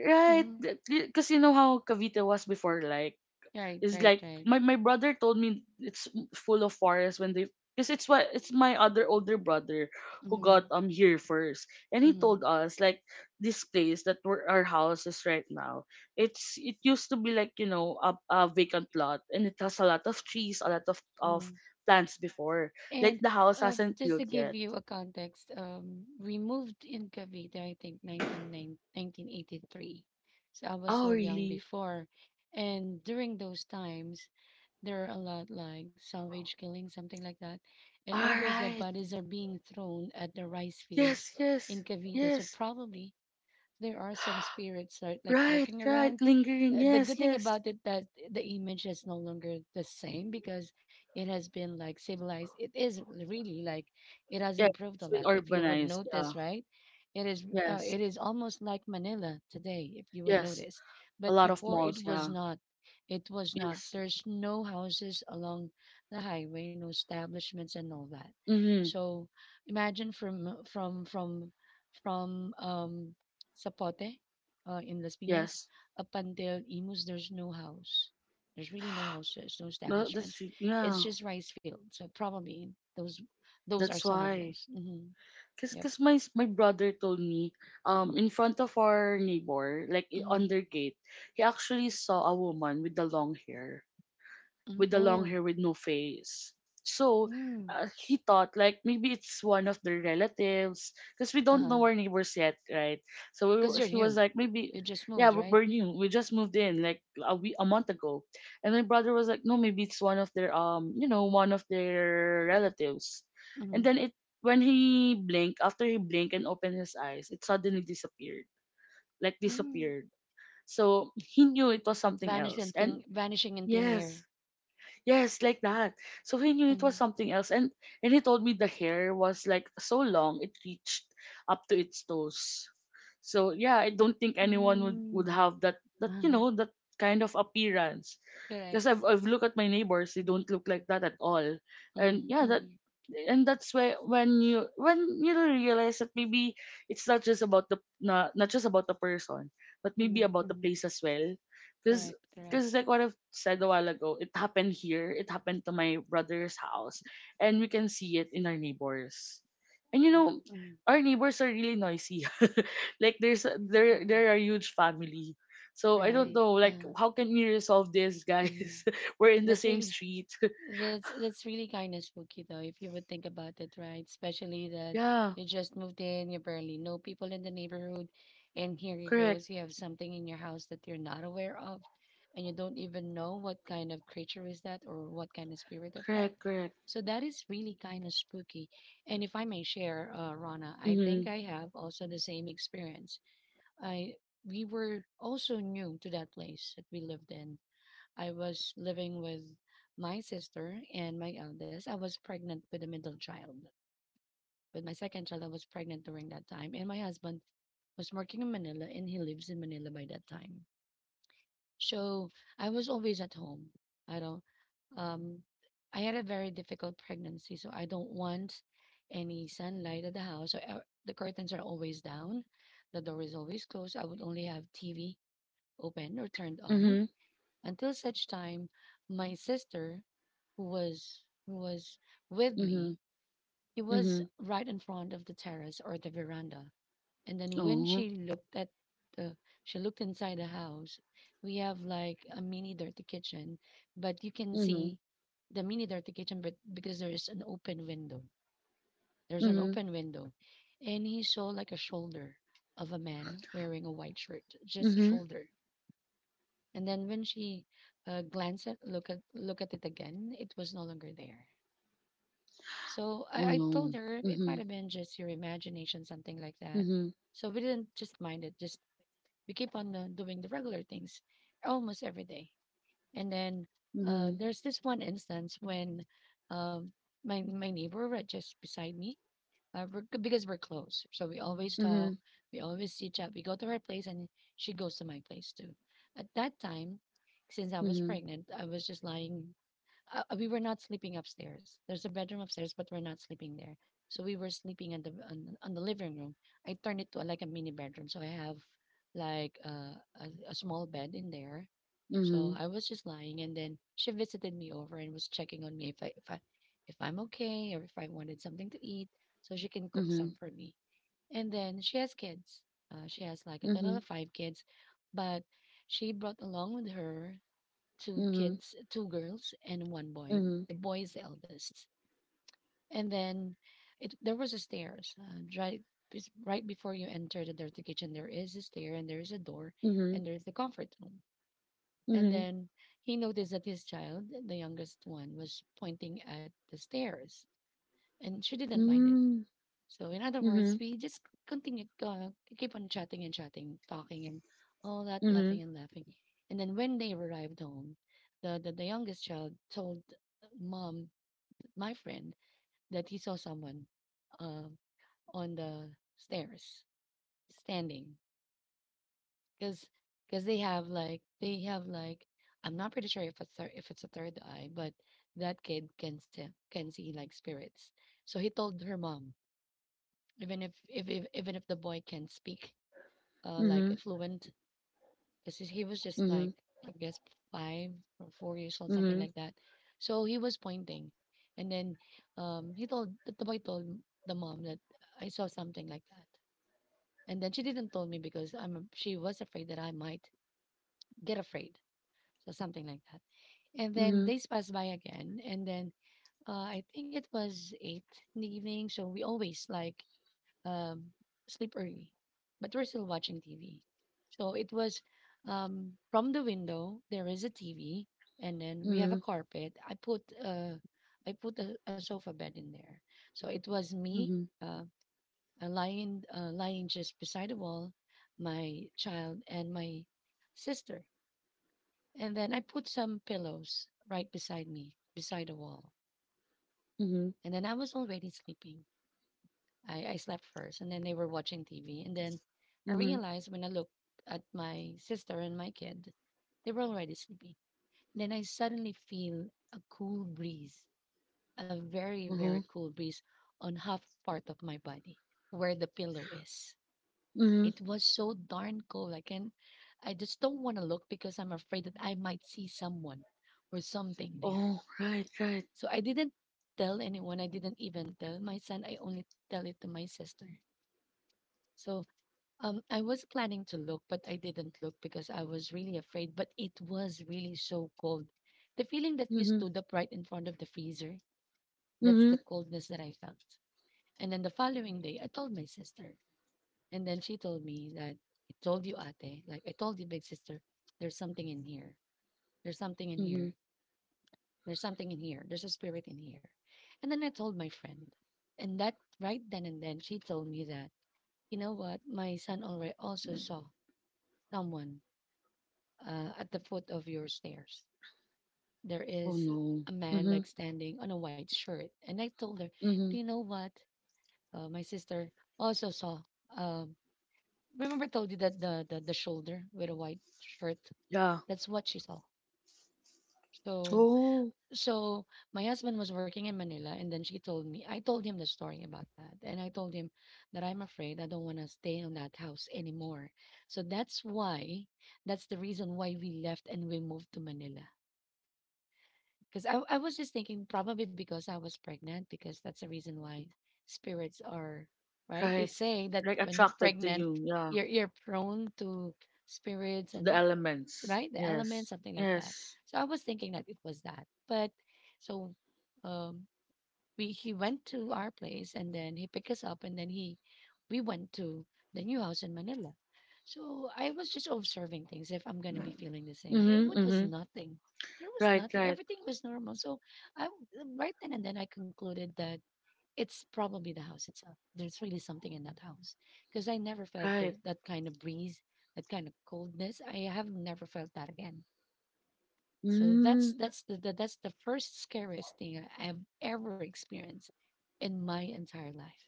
Speaker 1: Hmm.
Speaker 2: th- y- cause you know how Cavite was before. Like,
Speaker 1: Right,
Speaker 2: is
Speaker 1: right,
Speaker 2: like
Speaker 1: right.
Speaker 2: my my brother told me it's full of forest when they, because it's what, it's my other older brother who
Speaker 1: Mm-hmm.
Speaker 2: got um here first, and he
Speaker 1: Mm-hmm.
Speaker 2: told us like this place that where our house is right now, it's, it used to be like, you know, a, a vacant lot and it has a lot of trees, a lot of of
Speaker 1: Mm-hmm.
Speaker 2: plants, before like
Speaker 1: And
Speaker 2: the house
Speaker 1: uh,
Speaker 2: hasn't
Speaker 1: just to
Speaker 2: built
Speaker 1: give
Speaker 2: yet.
Speaker 1: you a context, um, we moved in Cavite, I think nineteen nine nineteen eighty three. So I was
Speaker 2: Oh
Speaker 1: still young
Speaker 2: really.
Speaker 1: before. And during those times, there are a lot like salvage killing, something like that. And
Speaker 2: All
Speaker 1: all those dead
Speaker 2: right.
Speaker 1: bodies are being thrown at the rice
Speaker 2: Yes,
Speaker 1: fields
Speaker 2: yes,
Speaker 1: in Cavite. So
Speaker 2: yes.
Speaker 1: probably there are some spirits that like
Speaker 2: Right,
Speaker 1: lurking
Speaker 2: right,
Speaker 1: around.
Speaker 2: lingering,
Speaker 1: Uh, the good
Speaker 2: yes,
Speaker 1: thing
Speaker 2: yes,
Speaker 1: about it that the image is no longer the same because it has been like civilized. It is really like it has
Speaker 2: yes.
Speaker 1: improved a
Speaker 2: It's been
Speaker 1: lot. If you would
Speaker 2: urbanized, yeah.
Speaker 1: notice, right? It is uh,
Speaker 2: Yes,
Speaker 1: it is almost like Manila today, if you would
Speaker 2: yes.
Speaker 1: notice.
Speaker 2: A
Speaker 1: But
Speaker 2: lot of
Speaker 1: before
Speaker 2: malls,
Speaker 1: it
Speaker 2: yeah.
Speaker 1: was not. It was not.
Speaker 2: Yes.
Speaker 1: There's no houses along the highway, no establishments and all that.
Speaker 2: Mm-hmm.
Speaker 1: So imagine from from from from um Sapote, uh, in Las Piñas.
Speaker 2: Yes.
Speaker 1: Up until Imus, there's no house. There's really no houses, no
Speaker 2: No, that's
Speaker 1: establishments.
Speaker 2: re-
Speaker 1: It's
Speaker 2: yeah.
Speaker 1: just rice fields. So probably those those are
Speaker 2: That's
Speaker 1: some of
Speaker 2: why.
Speaker 1: those. Hmm.
Speaker 2: Cause,
Speaker 1: Yep.
Speaker 2: cause my s- my brother told me, um, in front of our neighbor, like, i- on
Speaker 1: Hmm.
Speaker 2: their gate, he actually saw a woman with the long hair,
Speaker 1: Hmm.
Speaker 2: with the long
Speaker 1: Oh.
Speaker 2: hair with no face. So
Speaker 1: Mm.
Speaker 2: uh, he thought like maybe it's one of their relatives, because we
Speaker 1: Uh
Speaker 2: don't
Speaker 1: huh.
Speaker 2: know our neighbors yet, right? So we
Speaker 1: Because
Speaker 2: were,
Speaker 1: you're
Speaker 2: he was
Speaker 1: new,
Speaker 2: like maybe,
Speaker 1: you just
Speaker 2: yeah,
Speaker 1: moved,
Speaker 2: we're,
Speaker 1: right?
Speaker 2: we're new, we just moved in like a we a month ago, and my brother was like, no, maybe it's one of their, um, you know, one of their relatives, and
Speaker 1: Hmm.
Speaker 2: then it, when he blinked, after he blinked and opened his eyes, it suddenly disappeared, like
Speaker 1: Mm.
Speaker 2: disappeared. So he knew it was something
Speaker 1: Vanish
Speaker 2: else.
Speaker 1: in
Speaker 2: And
Speaker 1: thin, vanishing in thin
Speaker 2: yes.
Speaker 1: air.
Speaker 2: Yes, like that. So he knew it
Speaker 1: Hmm.
Speaker 2: was something else. And and he told me the hair was like so long it reached up to its toes. So yeah, I don't think anyone would, would
Speaker 1: Mm.
Speaker 2: have that, that, you
Speaker 1: Uh-huh.
Speaker 2: know, that kind of appearance.
Speaker 1: Correct.
Speaker 2: Because I've I've looked at my neighbors, they don't look like that at all. And
Speaker 1: Mm-hmm.
Speaker 2: yeah, that
Speaker 1: Mm-hmm.
Speaker 2: and that's where, when you, when you realize that maybe it's not just about the, not, not just about the person, but maybe about the
Speaker 1: Mm-hmm.
Speaker 2: place as well. Because
Speaker 1: Correct. Correct.
Speaker 2: because like what I've said a while ago, it happened here. It happened to my brother's house, and we can see it in our neighbors. And you know, our neighbors are really noisy. Like there's, there there are huge family. So I don't
Speaker 1: Right.
Speaker 2: know, like
Speaker 1: Uh,
Speaker 2: how can we resolve this,
Speaker 1: mhm.
Speaker 2: guys? We're in the
Speaker 1: That's
Speaker 2: same
Speaker 1: really
Speaker 2: street.
Speaker 1: That's that's really kind of spooky though, if you would think about it, right? Especially that
Speaker 2: Yeah,
Speaker 1: you just moved in, you barely know people in the neighborhood, and here you
Speaker 2: correct.
Speaker 1: goes, you have something in your house that you're not aware of, and you don't even know what kind of creature is that or what kind of spirit of that.
Speaker 2: Correct, correct.
Speaker 1: So that is really kind of spooky. And if I may share, uh, Rana, I think
Speaker 2: Mhm.
Speaker 1: I have also the same experience. I We were also new to that place that we lived in. I was living with my sister and my eldest. I was pregnant with the middle child. With my second child, I was pregnant during that time. And my husband was working in Manila and he lives in Manila by that time. So I was always at home. I don't, um, I had a very difficult pregnancy. So I don't want any sunlight at the house. So uh, the curtains are always down. The door is always closed. I would only have T V open or turned on
Speaker 2: Mhm.
Speaker 1: until such time, my sister, who was who was with me,
Speaker 2: Mhm.
Speaker 1: it was
Speaker 2: Mhm.
Speaker 1: right in front of the terrace or the veranda. And then when
Speaker 2: Oh.
Speaker 1: she looked at the she looked inside the house, we have like a mini dirty kitchen, but you can
Speaker 2: Mhm.
Speaker 1: see the mini dirty kitchen but because there is an open window. There's an
Speaker 2: Mhm.
Speaker 1: open window. And he saw like a shoulder of a man wearing a white shirt, just a
Speaker 2: Mhm.
Speaker 1: shoulder. And then when she uh, glanced at look at look at it again, it was no longer there. So I,
Speaker 2: Oh
Speaker 1: I told
Speaker 2: no.
Speaker 1: her it might
Speaker 2: Mhm.
Speaker 1: have been just your imagination, something like that.
Speaker 2: Mhm.
Speaker 1: So we didn't just mind it. Just we keep on uh, doing the regular things almost every day. And then uh,
Speaker 2: Mhm.
Speaker 1: there's this one instance when um, my my neighbor right just beside me, uh, we're, because we're close, so we always talk.
Speaker 2: Mhm.
Speaker 1: We always see each other. We go to her place, and she goes to my place too. At that time, since I was
Speaker 2: Mhm.
Speaker 1: pregnant, I was just lying uh, uh, we were not sleeping upstairs. There's a bedroom upstairs, but we're not sleeping there. So we were sleeping in the on, on the living room. I turned it to like a mini bedroom, so I have like uh, a a small bed in there. So
Speaker 2: Mhm.
Speaker 1: I was just lying, and then she visited me over and was checking on me if I if I if I'm okay or if I wanted something to eat, so she can cook
Speaker 2: Mhm.
Speaker 1: some for me. And then she has kids. Uh, she has like a total
Speaker 2: Mhm.
Speaker 1: of five kids, but she brought along with her two
Speaker 2: Mhm.
Speaker 1: kids, two girls and one boy.
Speaker 2: Mhm.
Speaker 1: The boy is the eldest. And then it there was a stairs uh, right bes- right before you enter the dirty kitchen. There is a stair and there is a door
Speaker 2: Mhm.
Speaker 1: and there is the comfort room. And
Speaker 2: Mhm.
Speaker 1: then he noticed that his child, the youngest one, was pointing at the stairs, and she didn't mind it.
Speaker 2: Mm.
Speaker 1: So in other words,
Speaker 2: Mhm.
Speaker 1: we just continue uh, keep on chatting and chatting, talking and all that,
Speaker 2: Mhm.
Speaker 1: laughing and laughing. And then when they arrived home, the the, the youngest child told mom, my friend, that he saw someone uh, on the stairs standing because because they have like they have like, I'm not pretty sure if it's thir- if it's a third eye, but that kid can see can see like spirits. So he told her mom, even if if, if even if the boy can't speak, uh, like
Speaker 2: Mhm.
Speaker 1: affluent because he was just like,
Speaker 2: Mhm.
Speaker 1: I guess five or four years old, something
Speaker 2: Mhm.
Speaker 1: like that. So he was pointing, and then um he told the, the boy told the mom that I saw something like that, and then she didn't tell me because I'm she was afraid that I might get afraid, so something like that. And then
Speaker 2: Mhm.
Speaker 1: days passed by again, and then uh, I think it was eight in the evening, so we always like um, sleep early, but we're still watching T V. So it was um, from the window. There is a T V, and then we have a
Speaker 2: Mhm.
Speaker 1: carpet. I put uh, I put a, a sofa bed in there. So it was me
Speaker 2: Mhm.
Speaker 1: uh, uh, lying uh, lying just beside the wall, my child and my sister, and then I put some pillows right beside me beside the wall,
Speaker 2: Mhm.
Speaker 1: and then I was already sleeping. I, I slept first and then they were watching T V. And then I
Speaker 2: Mhm.
Speaker 1: realized when I looked at my sister and my kid, they were already sleepy. Then I suddenly feel a cool breeze, a very, very
Speaker 2: Mhm.
Speaker 1: cool breeze on half part of my body where the pillow is.
Speaker 2: Mhm.
Speaker 1: It was so darn cold. I can I just don't want to look because I'm afraid that I might see someone or something there.
Speaker 2: Oh, right, right.
Speaker 1: So I didn't tell anyone. I didn't even tell my son. I only tell it to my sister. So Um, I was planning to look, but I didn't look because I was really afraid. But it was really so cold. The feeling that you
Speaker 2: Mhm.
Speaker 1: stood up right in front of the freezer, that's the
Speaker 2: Mhm.
Speaker 1: coldness that I felt. And then the following day, I told my sister. And then she told me that, I told you, ate, like I told you, big sister, there's something in here. There's something in here.
Speaker 2: Mhm.
Speaker 1: There's something in here. There's a spirit in here. And then I told my friend. And that right then and then, she told me that, you know what? My son already also saw someone uh, at the foot of your stairs. There
Speaker 2: Oh
Speaker 1: is
Speaker 2: no.
Speaker 1: a man like
Speaker 2: Mhm.
Speaker 1: standing on a white shirt. And I told her, do you
Speaker 2: Mhm.
Speaker 1: know what? Uh, my sister also saw. Um, Remember, I told you that the, the, the shoulder with a white shirt?
Speaker 2: Yeah.
Speaker 1: That's what she saw. So,
Speaker 2: Oh,
Speaker 1: so my husband was working in Manila, and then she told me, I told him the story about that. And I told him that I'm afraid, I don't want to stay in that house anymore. So that's why, that's the reason why we left and we moved to Manila. Because I, I was just thinking probably because I was pregnant, because that's the reason why spirits are, right? They
Speaker 2: right.
Speaker 1: say that
Speaker 2: Like
Speaker 1: when you're
Speaker 2: attracted to
Speaker 1: pregnant,
Speaker 2: you. Yeah.
Speaker 1: you're, you're prone to spirits
Speaker 2: To the
Speaker 1: and, uh,
Speaker 2: elements.
Speaker 1: right? The elements,
Speaker 2: Yes.
Speaker 1: something like that.
Speaker 2: Yes.
Speaker 1: So I was thinking that it was that. But so, um, we he went to our place and then he picked us up and then he we went to the new house in Manila. So I was just observing things if I'm gonna be feeling the same.
Speaker 2: Mhm.
Speaker 1: It wa- was
Speaker 2: Mhm.
Speaker 1: nothing. There was
Speaker 2: Right,
Speaker 1: nothing.
Speaker 2: right,
Speaker 1: Everything was normal. So I w- right then and then I concluded that it's probably the house itself. There's really something in that house because I never felt
Speaker 2: right.
Speaker 1: those, that kind of breeze, that kind of coldness. I have never felt that again. So that's
Speaker 2: Mhm.
Speaker 1: that's the, the that's the first scariest thing I have ever experienced in my entire life.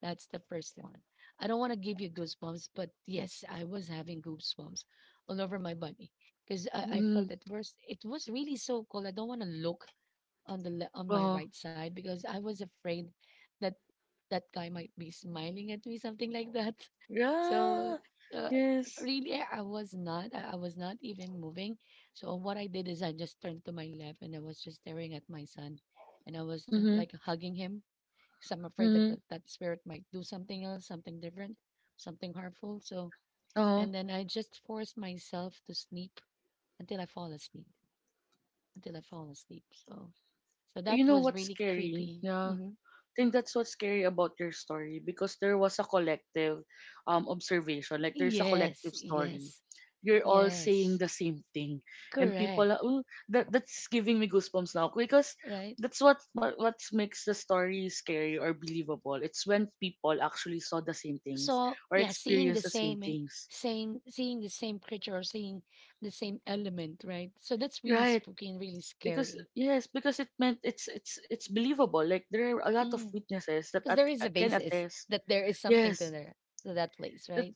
Speaker 1: That's the first one. I don't want to give you goosebumps, but yes, I was having goosebumps all over my body because I, I felt
Speaker 2: Mhm.
Speaker 1: at first it was really so cold. I don't want to look on the le- on my
Speaker 2: Oh.
Speaker 1: right side because I was afraid that that guy might be smiling at me, something like that. So
Speaker 2: Yeah.
Speaker 1: uh,
Speaker 2: Yes.
Speaker 1: really, I was not. I I was not even moving. So what I did is I just turned to my left and I was just staring at my son, and I was uh,
Speaker 2: Mhm.
Speaker 1: like hugging him because I'm afraid that,
Speaker 2: Mhm.
Speaker 1: that that spirit might do something else, something different, something harmful. So
Speaker 2: Oh.
Speaker 1: and then I just forced myself to sleep until I fall asleep. Until I fall asleep. So so
Speaker 2: You
Speaker 1: that
Speaker 2: know
Speaker 1: was
Speaker 2: what's
Speaker 1: really
Speaker 2: scary?
Speaker 1: creepy.
Speaker 2: Yeah.
Speaker 1: hmm
Speaker 2: Think that's what's scary about your story, because there was a collective um observation, like there's a
Speaker 1: Yes,
Speaker 2: collective story
Speaker 1: yes,
Speaker 2: you're all saying
Speaker 1: yes.
Speaker 2: the same thing, and
Speaker 1: Correct,
Speaker 2: people are, oh, that, that's giving me goosebumps now, because
Speaker 1: right?
Speaker 2: that's what what what makes the story scary or believable. It's when people actually saw the same things
Speaker 1: So
Speaker 2: or
Speaker 1: yeah, seeing the
Speaker 2: experienced the same
Speaker 1: same in-
Speaker 2: things,
Speaker 1: same, seeing the same creature or seeing the same element, right? So that's really
Speaker 2: right?
Speaker 1: spooky and really
Speaker 2: Because
Speaker 1: scary.
Speaker 2: yes, because it meant it's, it's it's believable, like there are a lot of witnesses that
Speaker 1: Because
Speaker 2: at,
Speaker 1: there is a
Speaker 2: can
Speaker 1: basis
Speaker 2: attest,
Speaker 1: that there is something to
Speaker 2: yes.
Speaker 1: there to that place,
Speaker 2: That.
Speaker 1: right?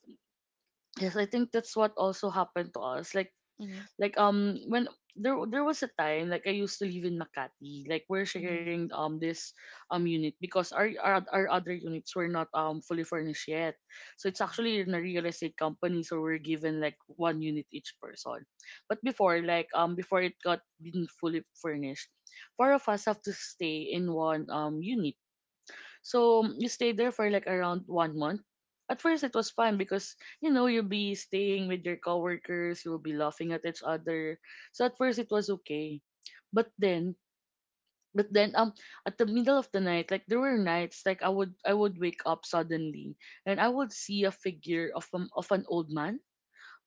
Speaker 2: Yes, I think that's what also happened to us. Like
Speaker 1: Mm-hmm,
Speaker 2: like um when, there there was a time, like I used to live in Makati. Like we're
Speaker 1: mm-hmm,
Speaker 2: sharing, um, this um unit, because our, our, our other units were not um fully furnished yet. So it's actually in a real estate company, so we're given like one unit each person. But before, like um before it got been fully furnished, four of us have to stay in one um unit. So um, you stayed there for like around one month. At first, it was fun because you know you'll be staying with your coworkers, you will be laughing at each other. So at first, it was okay, but then, but then, um, at the middle of the night, like there were nights like I would I would wake up suddenly, and I would see a figure of um, of an old man,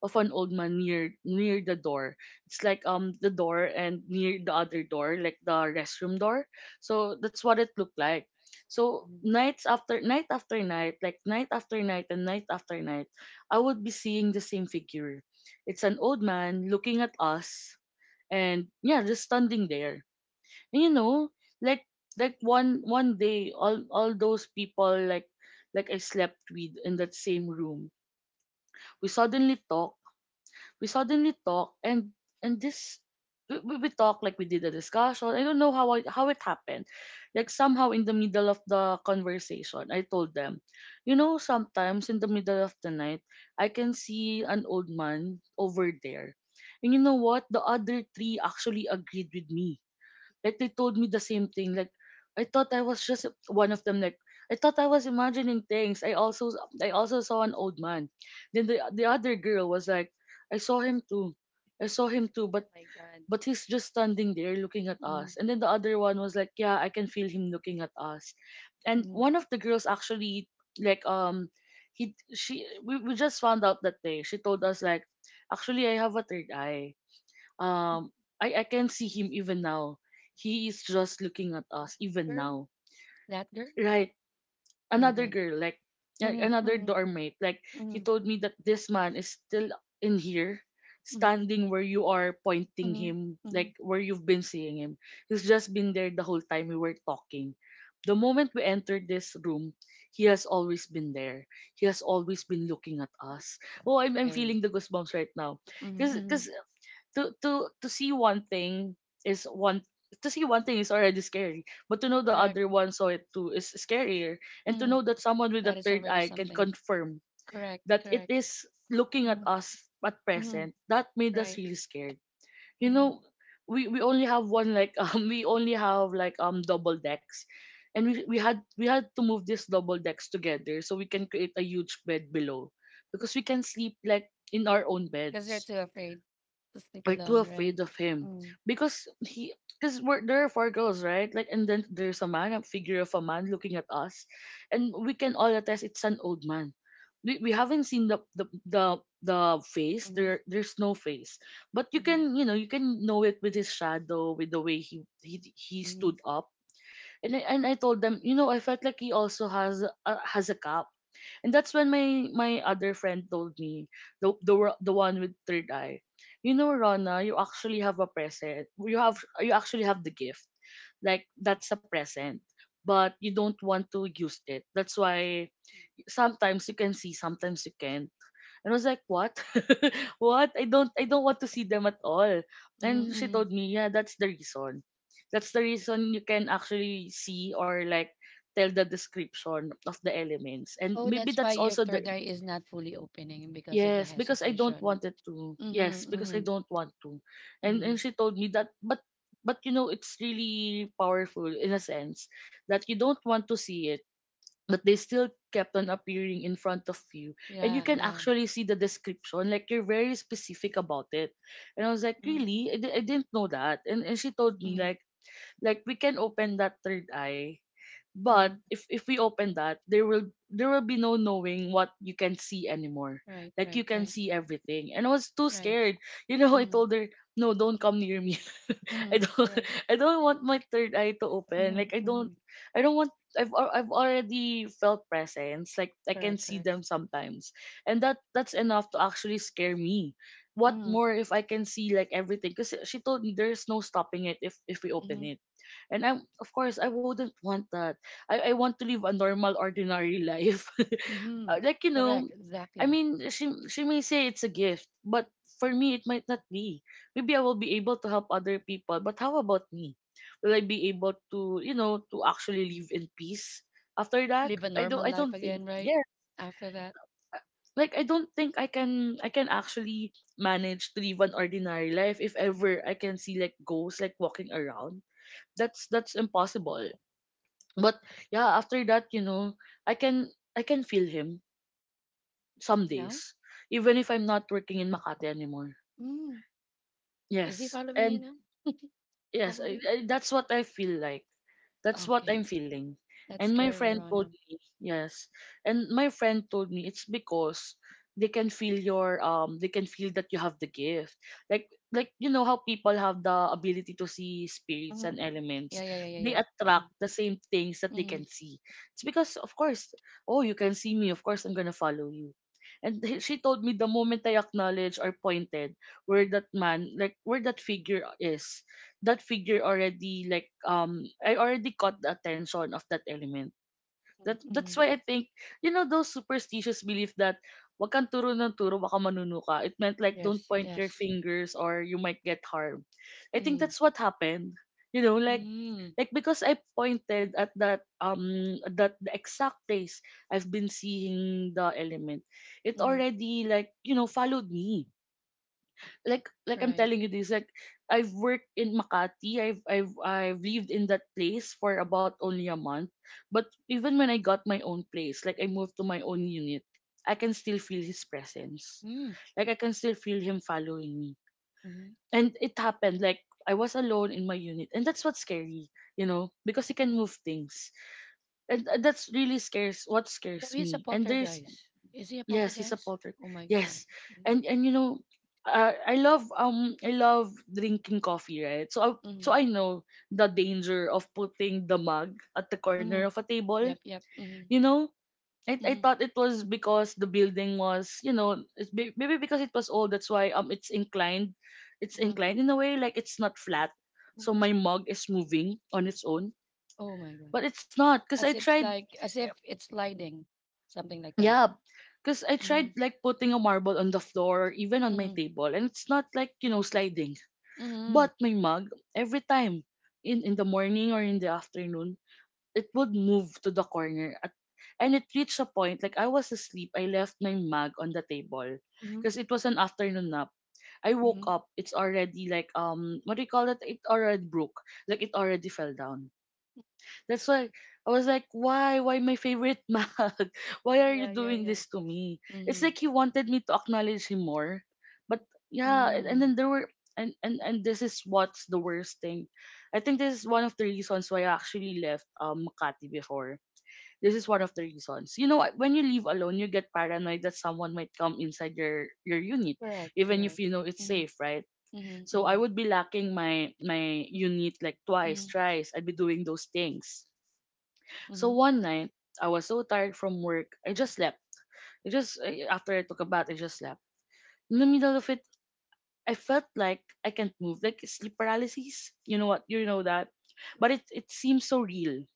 Speaker 2: of an old man near near the door. It's like um the door and near the other door, like the restroom door. So that's what it looked like. So nights after night after night, like night after night and night after night, I would be seeing the same figure. It's an old man looking at us, and yeah, just standing there. And you know, like like one one day, all all those people like like I slept with in that same room. We suddenly talk, we suddenly talk and and this we, we we talk, like we did a discussion. I don't know how I, how it happened. Like somehow in the middle of the conversation, I told them, you know, sometimes in the middle of the night, I can see an old man over there. And you know what? The other three actually agreed with me. Like they told me the same thing. Like I thought I was just one of them. Like I thought I was imagining things. I also I also saw an old man. Then the the other girl was like, I saw him too. I saw him too, but but he's just standing there looking at
Speaker 1: mm-hmm,
Speaker 2: us. And then the other one was like, yeah, I can feel him looking at us. And
Speaker 1: mm-hmm.
Speaker 2: one of the girls actually like, um, he she we, we just found out that day. She told us like, actually I have a third eye, um, I, I can see him even now. He is just looking at us even
Speaker 1: Girl,
Speaker 2: now.
Speaker 1: that girl.
Speaker 2: Right.
Speaker 1: Oh my
Speaker 2: Another
Speaker 1: God.
Speaker 2: girl, like a-
Speaker 1: Mm-hmm,
Speaker 2: another
Speaker 1: mm-hmm,
Speaker 2: doormate, like
Speaker 1: mm-hmm,
Speaker 2: he told me that this man is still in here,
Speaker 1: mm-hmm,
Speaker 2: standing where you are pointing
Speaker 1: mm-hmm,
Speaker 2: him,
Speaker 1: mm-hmm.
Speaker 2: like where you've been seeing him. He's just been there the whole time we were talking. The moment we entered this room, he has always been there. He has always been looking at us. Oh, I'm, I'm
Speaker 1: Scary.
Speaker 2: feeling the goosebumps right now.
Speaker 1: Mm-hmm,
Speaker 2: Because
Speaker 1: mm-hmm.
Speaker 2: to to to see one thing is one to see one thing is already scary, but to know the
Speaker 1: Correct.
Speaker 2: other one saw it too is scarier. And to
Speaker 1: Mm-hmm.
Speaker 2: know that someone with a
Speaker 1: That is
Speaker 2: third
Speaker 1: already
Speaker 2: eye can
Speaker 1: something.
Speaker 2: confirm
Speaker 1: Correct.
Speaker 2: that it
Speaker 1: Correct.
Speaker 2: is looking at
Speaker 1: Mm-hmm,
Speaker 2: us at
Speaker 1: mm-hmm.
Speaker 2: present, that made us
Speaker 1: Right.
Speaker 2: really scared. You
Speaker 1: Mm-hmm.
Speaker 2: know, we, we only have one like um we only have like um double decks. And we, we had we had to move these double decks together so we can create a huge bed below. Because we can sleep like in our own
Speaker 1: Because they're
Speaker 2: beds
Speaker 1: too afraid to sleep
Speaker 2: are too
Speaker 1: alone, right?
Speaker 2: afraid of him
Speaker 1: Mm,
Speaker 2: because he because we're, there are four girls, right, like and then there's a man, a figure of a man looking at us, and we can all attest it's an old man. We, we haven't seen the the the the face.
Speaker 1: mm-hmm,
Speaker 2: There there's no face, but you
Speaker 1: hmm,
Speaker 2: can, you know, you can know it with his shadow, with the way he he, he
Speaker 1: hmm,
Speaker 2: stood up. And I, and I told them, you know, I felt like he also has a, has a cup, and that's when my my other friend told me, the the wo- the one with third eye, you know, "Rona, you actually have a present. You have you actually have the gift, like that's a present, but you don't want to use it. That's why sometimes you can see, sometimes you can." And I was like, "What? What? I don't I don't want to see them at all." And she
Speaker 1: hmm.
Speaker 2: told me, "Yeah, that's the reason. That's the reason you can actually see or like tell the description of the elements. And
Speaker 1: Oh,
Speaker 2: maybe
Speaker 1: that's why
Speaker 2: that's
Speaker 1: your
Speaker 2: also
Speaker 1: third
Speaker 2: the
Speaker 1: eye is not fully opening because of the
Speaker 2: yes, because I don't
Speaker 1: hesitation.
Speaker 2: want it to. Yes,
Speaker 1: Mm-hmm,
Speaker 2: because
Speaker 1: mm-hmm,
Speaker 2: I don't want to." And
Speaker 1: mm-hmm.
Speaker 2: and she told me that, but but you know it's really powerful in a sense that you don't want to see it but they still kept on appearing in front of you, and you
Speaker 1: Yeah,
Speaker 2: can
Speaker 1: yeah.
Speaker 2: actually see the description, like you're very specific about it. And I was like
Speaker 1: Mm-hmm,
Speaker 2: really I, di- I didn't know that. And, and she told me
Speaker 1: mm-hmm,
Speaker 2: like like we can open that third eye, but
Speaker 1: mm-hmm.
Speaker 2: if if we open that, there will there will be no knowing what you can see anymore.
Speaker 1: Right,
Speaker 2: Like
Speaker 1: right,
Speaker 2: you can
Speaker 1: right,
Speaker 2: see everything. And I was too
Speaker 1: right.
Speaker 2: scared. You know, I
Speaker 1: Mm-hmm,
Speaker 2: told her, "No, don't come near me.
Speaker 1: mm-hmm.
Speaker 2: I don't
Speaker 1: Correct.
Speaker 2: I don't want my third eye to open. Like
Speaker 1: Mm-hmm,
Speaker 2: I
Speaker 1: mm-hmm.
Speaker 2: don't I don't want I've al- I've already felt presence. Like I
Speaker 1: Correct,
Speaker 2: can see
Speaker 1: correct.
Speaker 2: them sometimes. And that that's enough to actually scare me. What
Speaker 1: Mm-hmm,
Speaker 2: more if I can see like everything? Because she told me there's no stopping it if if we
Speaker 1: mm-hmm,
Speaker 2: open it." And I'm, of course I wouldn't want that. I, I want to live a normal, ordinary life.
Speaker 1: mm-hmm.
Speaker 2: Uh, like, you
Speaker 1: Correct,
Speaker 2: know, I
Speaker 1: exactly.
Speaker 2: mean, she, she may say it's a gift, but for me, it might not be. Maybe I will be able to help other people, but how about me? Will I be able to, you know, to actually live in peace after
Speaker 1: Live a
Speaker 2: that? I
Speaker 1: normal
Speaker 2: don't, I
Speaker 1: life
Speaker 2: don't
Speaker 1: again,
Speaker 2: think.
Speaker 1: right?
Speaker 2: Yeah,
Speaker 1: After that,
Speaker 2: like I don't think I can, I can actually manage to live an ordinary life if ever I can see like ghosts like walking around. That's that's impossible, but yeah, after that, you know, i can I can feel him some
Speaker 1: no?
Speaker 2: days, even if I'm not working in Makati anymore.
Speaker 1: Mm. Is he
Speaker 2: Yes,
Speaker 1: following you
Speaker 2: and
Speaker 1: now?
Speaker 2: yes,
Speaker 1: Probably.
Speaker 2: I, I, that's what I feel like. That's what
Speaker 1: Okay.
Speaker 2: I'm feeling.
Speaker 1: That's
Speaker 2: And my
Speaker 1: scary,
Speaker 2: friend
Speaker 1: Rana.
Speaker 2: told me, yes. And my friend told me it's because they can feel your um they can feel that you have the gift. Like like you know how people have the ability to see spirits
Speaker 1: Uh-huh.
Speaker 2: and
Speaker 1: Yeah,
Speaker 2: elements.
Speaker 1: yeah, yeah, yeah, yeah.
Speaker 2: They attract the same things that they
Speaker 1: Mm-hmm.
Speaker 2: can see. It's because of course, oh you can see me, of course I'm gonna follow you. And he- she told me the moment I acknowledged or pointed where that man, like where that figure is, that figure already like um I already caught the attention of that element. That
Speaker 1: Mm-hmm. Mm-hmm.
Speaker 2: that's why I think, you know, those superstitious belief that wag kang turo ng turo baka manuno ka. It meant like don't
Speaker 1: Yes,
Speaker 2: point your
Speaker 1: yes.
Speaker 2: fingers or you might get harmed. I think
Speaker 1: Mm-hmm.
Speaker 2: that's what happened. You know, like
Speaker 1: Mm-hmm.
Speaker 2: like because I pointed at that um that the exact place I've been seeing the element. It
Speaker 1: Mm-hmm.
Speaker 2: already, like, you know, followed me. Like like I'm
Speaker 1: Right.
Speaker 2: telling you this, like I've worked in Makati, I've I've I've lived in that place for about only a month, but even when I got my own place, like I moved to my own unit, I can still feel his presence, like I can still feel him following me.
Speaker 1: Mm-hmm.
Speaker 2: And it happened like I was alone in my unit, and that's what's scary, you know, because he can move things. And uh, that's really scares what
Speaker 1: So
Speaker 2: scares
Speaker 1: he's a
Speaker 2: me. And there's
Speaker 1: poltergeist. Is he a
Speaker 2: yes, he's a
Speaker 1: poltergeist?
Speaker 2: polter.
Speaker 1: Oh my God.
Speaker 2: Yes,
Speaker 1: Mm-hmm.
Speaker 2: and and you know, uh, I love um I love drinking coffee, right? So I, so
Speaker 1: Mm-hmm.
Speaker 2: I know the danger of putting the mug at the
Speaker 1: Mm-hmm.
Speaker 2: corner of a table.
Speaker 1: Yep, yep. Mm-hmm.
Speaker 2: You know, I I
Speaker 1: Mm-hmm.
Speaker 2: thought it was because the building was, you know, it's be- maybe because it was old, that's why um it's inclined, it's
Speaker 1: Mm-hmm.
Speaker 2: inclined in a way like it's not flat, so my
Speaker 1: Mm-hmm.
Speaker 2: mug is moving on its own.
Speaker 1: Oh my God.
Speaker 2: But it's not because
Speaker 1: As
Speaker 2: I
Speaker 1: if it's
Speaker 2: tried.
Speaker 1: like, as if it's sliding, something like that.
Speaker 2: Yeah, because I tried
Speaker 1: Mm-hmm.
Speaker 2: like putting a marble on the floor or even on my
Speaker 1: Mm-hmm.
Speaker 2: table, and it's not like you know sliding.
Speaker 1: Mm-hmm.
Speaker 2: But my mug, every time in in the morning or in the afternoon, it would move to the corner, at, and it reached a point, like I was asleep. I left my mug on the table
Speaker 1: Mm-hmm.
Speaker 2: because it was an afternoon nap. I woke
Speaker 1: Mm-hmm.
Speaker 2: up. It's already like um what do you call it? It already broke. Like it already fell down. That's why I was like, why? Why my favorite mag? Why are you
Speaker 1: Yeah, yeah, yeah,
Speaker 2: doing
Speaker 1: yeah.
Speaker 2: this to me? It's
Speaker 1: Mm-hmm.
Speaker 2: like he wanted me to acknowledge him more. But yeah, and, and
Speaker 1: Mm-hmm.
Speaker 2: then there were and, and and this is what's the worst thing. I think this is one of the reasons why I actually left um Makati before. This
Speaker 1: Mm-hmm.
Speaker 2: is one of the reasons. You know, when you leave alone, you get paranoid that someone might come inside your your unit,
Speaker 1: Correct,
Speaker 2: even if
Speaker 1: correct.
Speaker 2: you know it's
Speaker 1: Mm-hmm.
Speaker 2: safe, right?
Speaker 1: Mhm,
Speaker 2: So I
Speaker 1: mhm,
Speaker 2: would be lacking my my unit like twice,
Speaker 1: mhm,
Speaker 2: thrice. I'd be doing those things. So
Speaker 1: mhm,
Speaker 2: one night, I was so tired from work, I just slept. I just I- after I took a bath, I just slept. In the middle of it, I felt like I can't move, like sleep paralysis. You know what? You know that, but it it seems so real.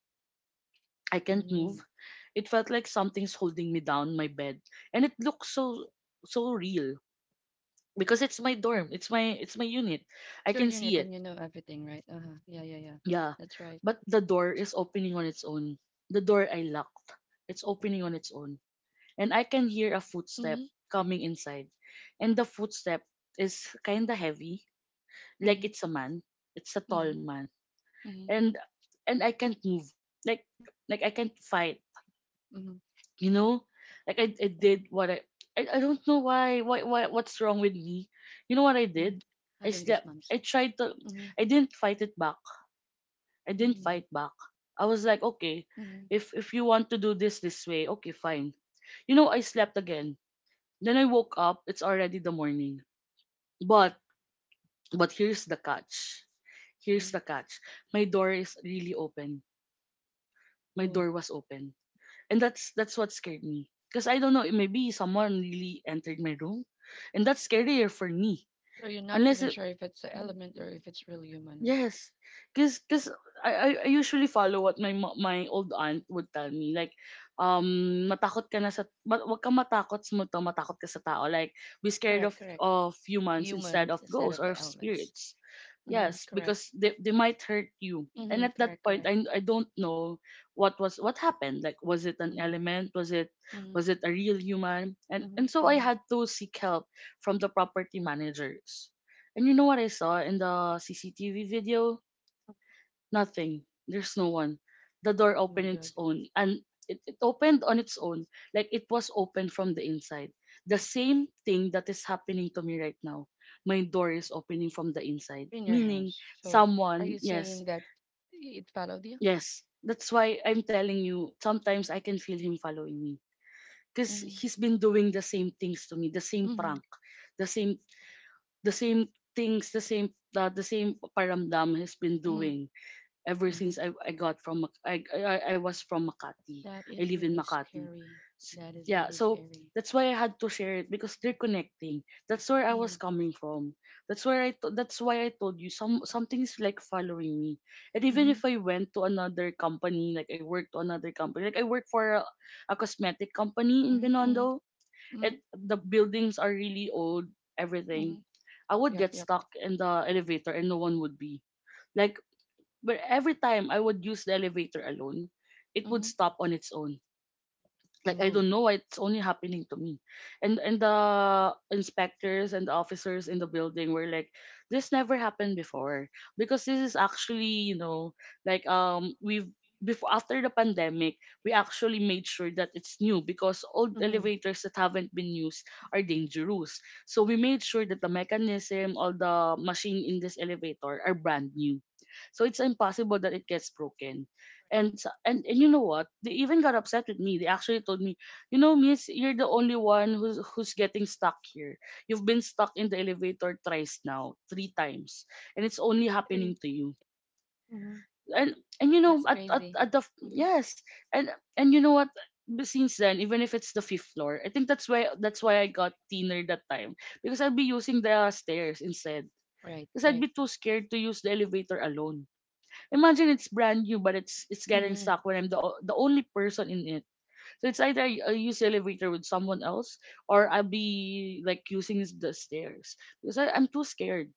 Speaker 2: I can't move.
Speaker 1: mm.
Speaker 2: It felt like something's holding me down my bed, and it looks so so real because it's my dorm. It's my it's my unit. I
Speaker 1: It's
Speaker 2: can
Speaker 1: your
Speaker 2: see
Speaker 1: unit
Speaker 2: it.
Speaker 1: and you know everything, right? Uh-huh. Yeah, yeah, yeah.
Speaker 2: Yeah,
Speaker 1: That's right.
Speaker 2: but the door is opening on its own. The door I locked. It's opening on its own. And I can hear a footstep
Speaker 1: Mhm,
Speaker 2: coming inside. And the footstep is kind of heavy, like
Speaker 1: mhm,
Speaker 2: it's a man. It's a tall
Speaker 1: mhm,
Speaker 2: man.
Speaker 1: mhm,
Speaker 2: And and I can't move. Like like I can't fight,
Speaker 1: mhm,
Speaker 2: you know? Like I, I did what I, I I don't know why why why what's wrong with me. You know what I did?
Speaker 1: mhm.
Speaker 2: I
Speaker 1: Having
Speaker 2: slept. I
Speaker 1: goosebumps.
Speaker 2: tried to
Speaker 1: Mhm,
Speaker 2: I didn't fight it back. I didn't fight
Speaker 1: mhm,
Speaker 2: back. I was like, okay,
Speaker 1: mhm.
Speaker 2: if if you want to do this this way, okay, fine. You know, I slept again. Then I woke up, it's already the morning. But but here's the catch. Here's the catch. My door is really open. My
Speaker 1: Oh,
Speaker 2: door was open. And that's that's what scared me. Because I don't know, maybe someone really entered my room. And that's scarier for me.
Speaker 1: so you're not
Speaker 2: Unless
Speaker 1: even
Speaker 2: it
Speaker 1: sure if it's an element or if it's really human, right?
Speaker 2: yes, cause, cause I, I I usually follow what my mo- my old aunt would tell me, like um matakot ka na sa ma, wag kang matakot sa multo matakot ka sa tao, like be scared of
Speaker 1: Correct, correct.
Speaker 2: of humans instead of
Speaker 1: Humans instead
Speaker 2: ghosts or
Speaker 1: of elements.
Speaker 2: spirits,
Speaker 1: Mhm,
Speaker 2: yes,
Speaker 1: correct.
Speaker 2: because they they might hurt you. And at
Speaker 1: Mhm,
Speaker 2: that
Speaker 1: correct,
Speaker 2: point
Speaker 1: correct.
Speaker 2: I I don't know what was what happened, like was it an
Speaker 1: Mhm,
Speaker 2: element, was it was
Speaker 1: mhm,
Speaker 2: it a real human? And and
Speaker 1: mhm,
Speaker 2: so I
Speaker 1: mhm.
Speaker 2: had to seek help from the property managers, and you know what I saw in the C C T V video? Nothing. There's no one. The door
Speaker 1: Oh my
Speaker 2: opened its
Speaker 1: God.
Speaker 2: own and it, it opened on its own. Like it was open from the inside. The same thing that is happening to me right now. My door is opening from the inside.
Speaker 1: In your
Speaker 2: Meaning
Speaker 1: house. So, are
Speaker 2: someone,
Speaker 1: you
Speaker 2: yes,
Speaker 1: saying that it followed you?
Speaker 2: yes. That's why I'm telling you, sometimes I can feel him following me. Because
Speaker 1: Mhm,
Speaker 2: he's been doing the same things to me, the same
Speaker 1: mhm,
Speaker 2: prank, the same the same things, the same uh, the same paramdam has been
Speaker 1: mhm.
Speaker 2: doing ever since
Speaker 1: Mhm.
Speaker 2: I, I got from Mac- I, I I was from Makati.
Speaker 1: That
Speaker 2: I
Speaker 1: is
Speaker 2: live in
Speaker 1: really
Speaker 2: Makati.
Speaker 1: scary.
Speaker 2: S-
Speaker 1: That is
Speaker 2: yeah,
Speaker 1: really
Speaker 2: so
Speaker 1: scary.
Speaker 2: that's why I had to share it because they're connecting. That's where I was
Speaker 1: Mm,
Speaker 2: coming from. That's where I to- that's why I told you some something is like following me. And even if
Speaker 1: mhm,
Speaker 2: I went to another company, like I worked to another company, like I work for a, a cosmetic company in
Speaker 1: mhm, mhm,
Speaker 2: Binondo, it
Speaker 1: mhm,
Speaker 2: the buildings are really old, everything.
Speaker 1: mhm.
Speaker 2: I would
Speaker 1: Yep,
Speaker 2: get
Speaker 1: yep.
Speaker 2: stuck in the elevator and no one would be. Like but every time I would use the elevator alone, it would
Speaker 1: Mhm.
Speaker 2: stop on its own. Like I
Speaker 1: Ooh.
Speaker 2: don't know why it's only happening to me. And and the inspectors and the officers in the building were like, this never happened before because this is actually you know like um we've before, after the pandemic we actually made sure that it's new because old
Speaker 1: Mhm.
Speaker 2: elevators that haven't been used are dangerous, so we made sure that the mechanism, all the machine in this elevator are brand new, so it's impossible that it gets broken. And s- and and you know what they even got upset with me they actually told me you know miss you're the only one who's who's getting stuck here. You've been stuck in the elevator thrice now, three times, and it's only happening
Speaker 1: Three.
Speaker 2: to you.
Speaker 1: Mhm.
Speaker 2: And and you know
Speaker 1: That's
Speaker 2: at at,
Speaker 1: crazy.
Speaker 2: at the f-
Speaker 1: Mhm.
Speaker 2: yes. And and you know what, b- since then, even if it's the fifth floor, I think that's why that's why I got thinner that time, because I'd be using the stairs instead,
Speaker 1: Right,
Speaker 2: because I'd be
Speaker 1: right.
Speaker 2: too scared to use the elevator alone. Imagine it's brand new, but it's it's getting
Speaker 1: Mhm.
Speaker 2: stuck when I'm the o- the only person in it. So it's either I I use elevator with someone else, or I'll be like using the stairs because I, I'm too scared.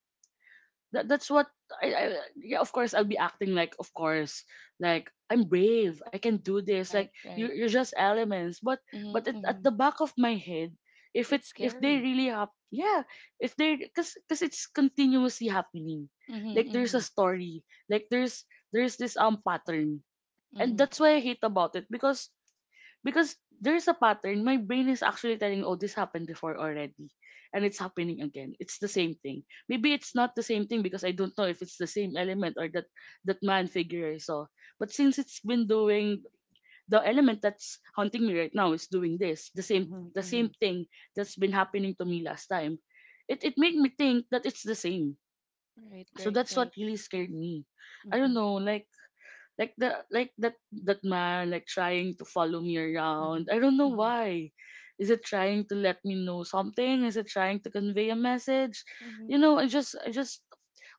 Speaker 2: That that's what I, I yeah, of course I'll be acting like, of course, like I'm brave, I can do this, like
Speaker 1: Right,
Speaker 2: you
Speaker 1: right.
Speaker 2: you're just elements, but but
Speaker 1: Mhm,
Speaker 2: at, at the
Speaker 1: mhm.
Speaker 2: back of my head, if it
Speaker 1: It's
Speaker 2: if they
Speaker 1: scary.
Speaker 2: really hap yeah, if they, cause cause it's continuously happening,
Speaker 1: Mhm,
Speaker 2: like there's a
Speaker 1: mhm,
Speaker 2: story, like there's there's this um pattern, and
Speaker 1: mhm,
Speaker 2: that's why I hate about it because because there's a pattern. My brain is actually telling, oh, this happened before already. And it's happening again. It's the same thing. Maybe it's not the same thing because I don't know if it's the same element or that, that man figure I saw. But since it's been doing The element that's haunting me right now is doing this, the same
Speaker 1: mhm,
Speaker 2: the same
Speaker 1: mhm.
Speaker 2: thing that's been happening to me last time. It it made me think that it's the same.
Speaker 1: Right,
Speaker 2: So
Speaker 1: right,
Speaker 2: that's what
Speaker 1: right.
Speaker 2: really scared me. I don't
Speaker 1: Mhm,
Speaker 2: know, like like the like that that man like trying to follow me around.
Speaker 1: mhm,
Speaker 2: I don't know
Speaker 1: mhm.
Speaker 2: why. Is it trying to let me know something? Is it trying to convey a message? You know, I just I just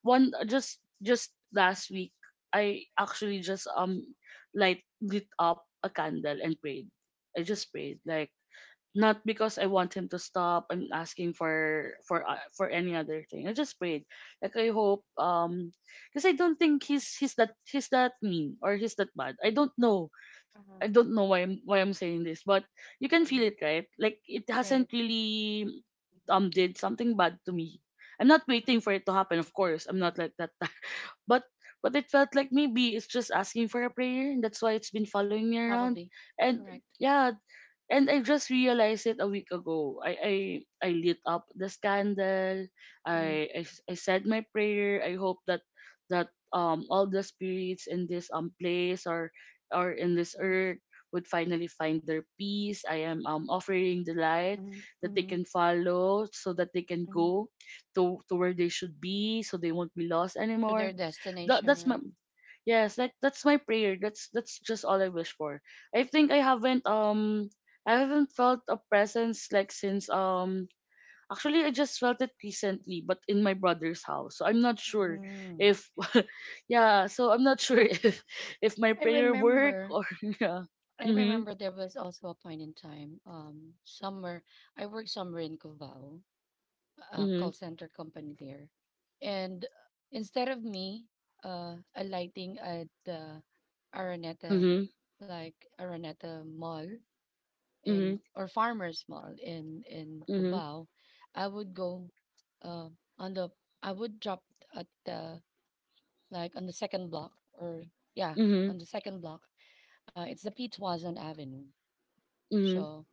Speaker 2: one just just last week, I actually just um light lit up a candle and prayed. I just prayed, like, not because I want him to stop. I'm asking for for uh, for any other thing. I just prayed. Like, I hope, um because I don't think he's he's that he's that mean or he's that bad. I don't know. I
Speaker 1: Uh-huh.
Speaker 2: don't know why I'm why I'm saying this, but you can feel
Speaker 1: Mhm.
Speaker 2: it, right? Like it
Speaker 1: Right.
Speaker 2: hasn't really um did something bad to me. I'm not waiting for it to happen, of course. I'm not like that. But but it felt like maybe it's just asking for a prayer, and that's why it's been following me around.
Speaker 1: Probably.
Speaker 2: And
Speaker 1: Correct.
Speaker 2: yeah, and I just realized it a week ago. I I, I lit up the scandal.
Speaker 1: Mhm.
Speaker 2: I, I s- I said my prayer. I hope that that um all the spirits in this um place, or or in this earth, would finally find their peace. I am um offering the light
Speaker 1: Mhm,
Speaker 2: that they can
Speaker 1: mhm,
Speaker 2: follow so that they can
Speaker 1: mhm.
Speaker 2: go to to where they should be, so they won't be lost
Speaker 1: To
Speaker 2: anymore.
Speaker 1: their
Speaker 2: That that's
Speaker 1: destination,
Speaker 2: my
Speaker 1: right?
Speaker 2: Yes, like that's my prayer. That's that's just all I wish for. I think I haven't um I haven't felt a presence like since, um actually I just felt it recently, but in my brother's house. So I'm not sure
Speaker 1: Mhm.
Speaker 2: if yeah, so I'm not sure if if my
Speaker 1: I
Speaker 2: prayer work
Speaker 1: remember.
Speaker 2: or yeah.
Speaker 1: I
Speaker 2: Mhm.
Speaker 1: remember there was also a point in time, um, somewhere I worked somewhere in Cavao, a call
Speaker 2: Mhm.
Speaker 1: center company there, and instead of me, uh, alighting at the Araneta,
Speaker 2: Mhm.
Speaker 1: like Araneta Mall, in
Speaker 2: Mhm.
Speaker 1: or farmers mall in in
Speaker 2: Mhm.
Speaker 1: Cubao, I would go uh, on the I would drop at the, like, on the second block or yeah, on
Speaker 2: Mhm.
Speaker 1: the second block. Uh, it's the P Tuazon Avenue.
Speaker 2: Mhm.
Speaker 1: So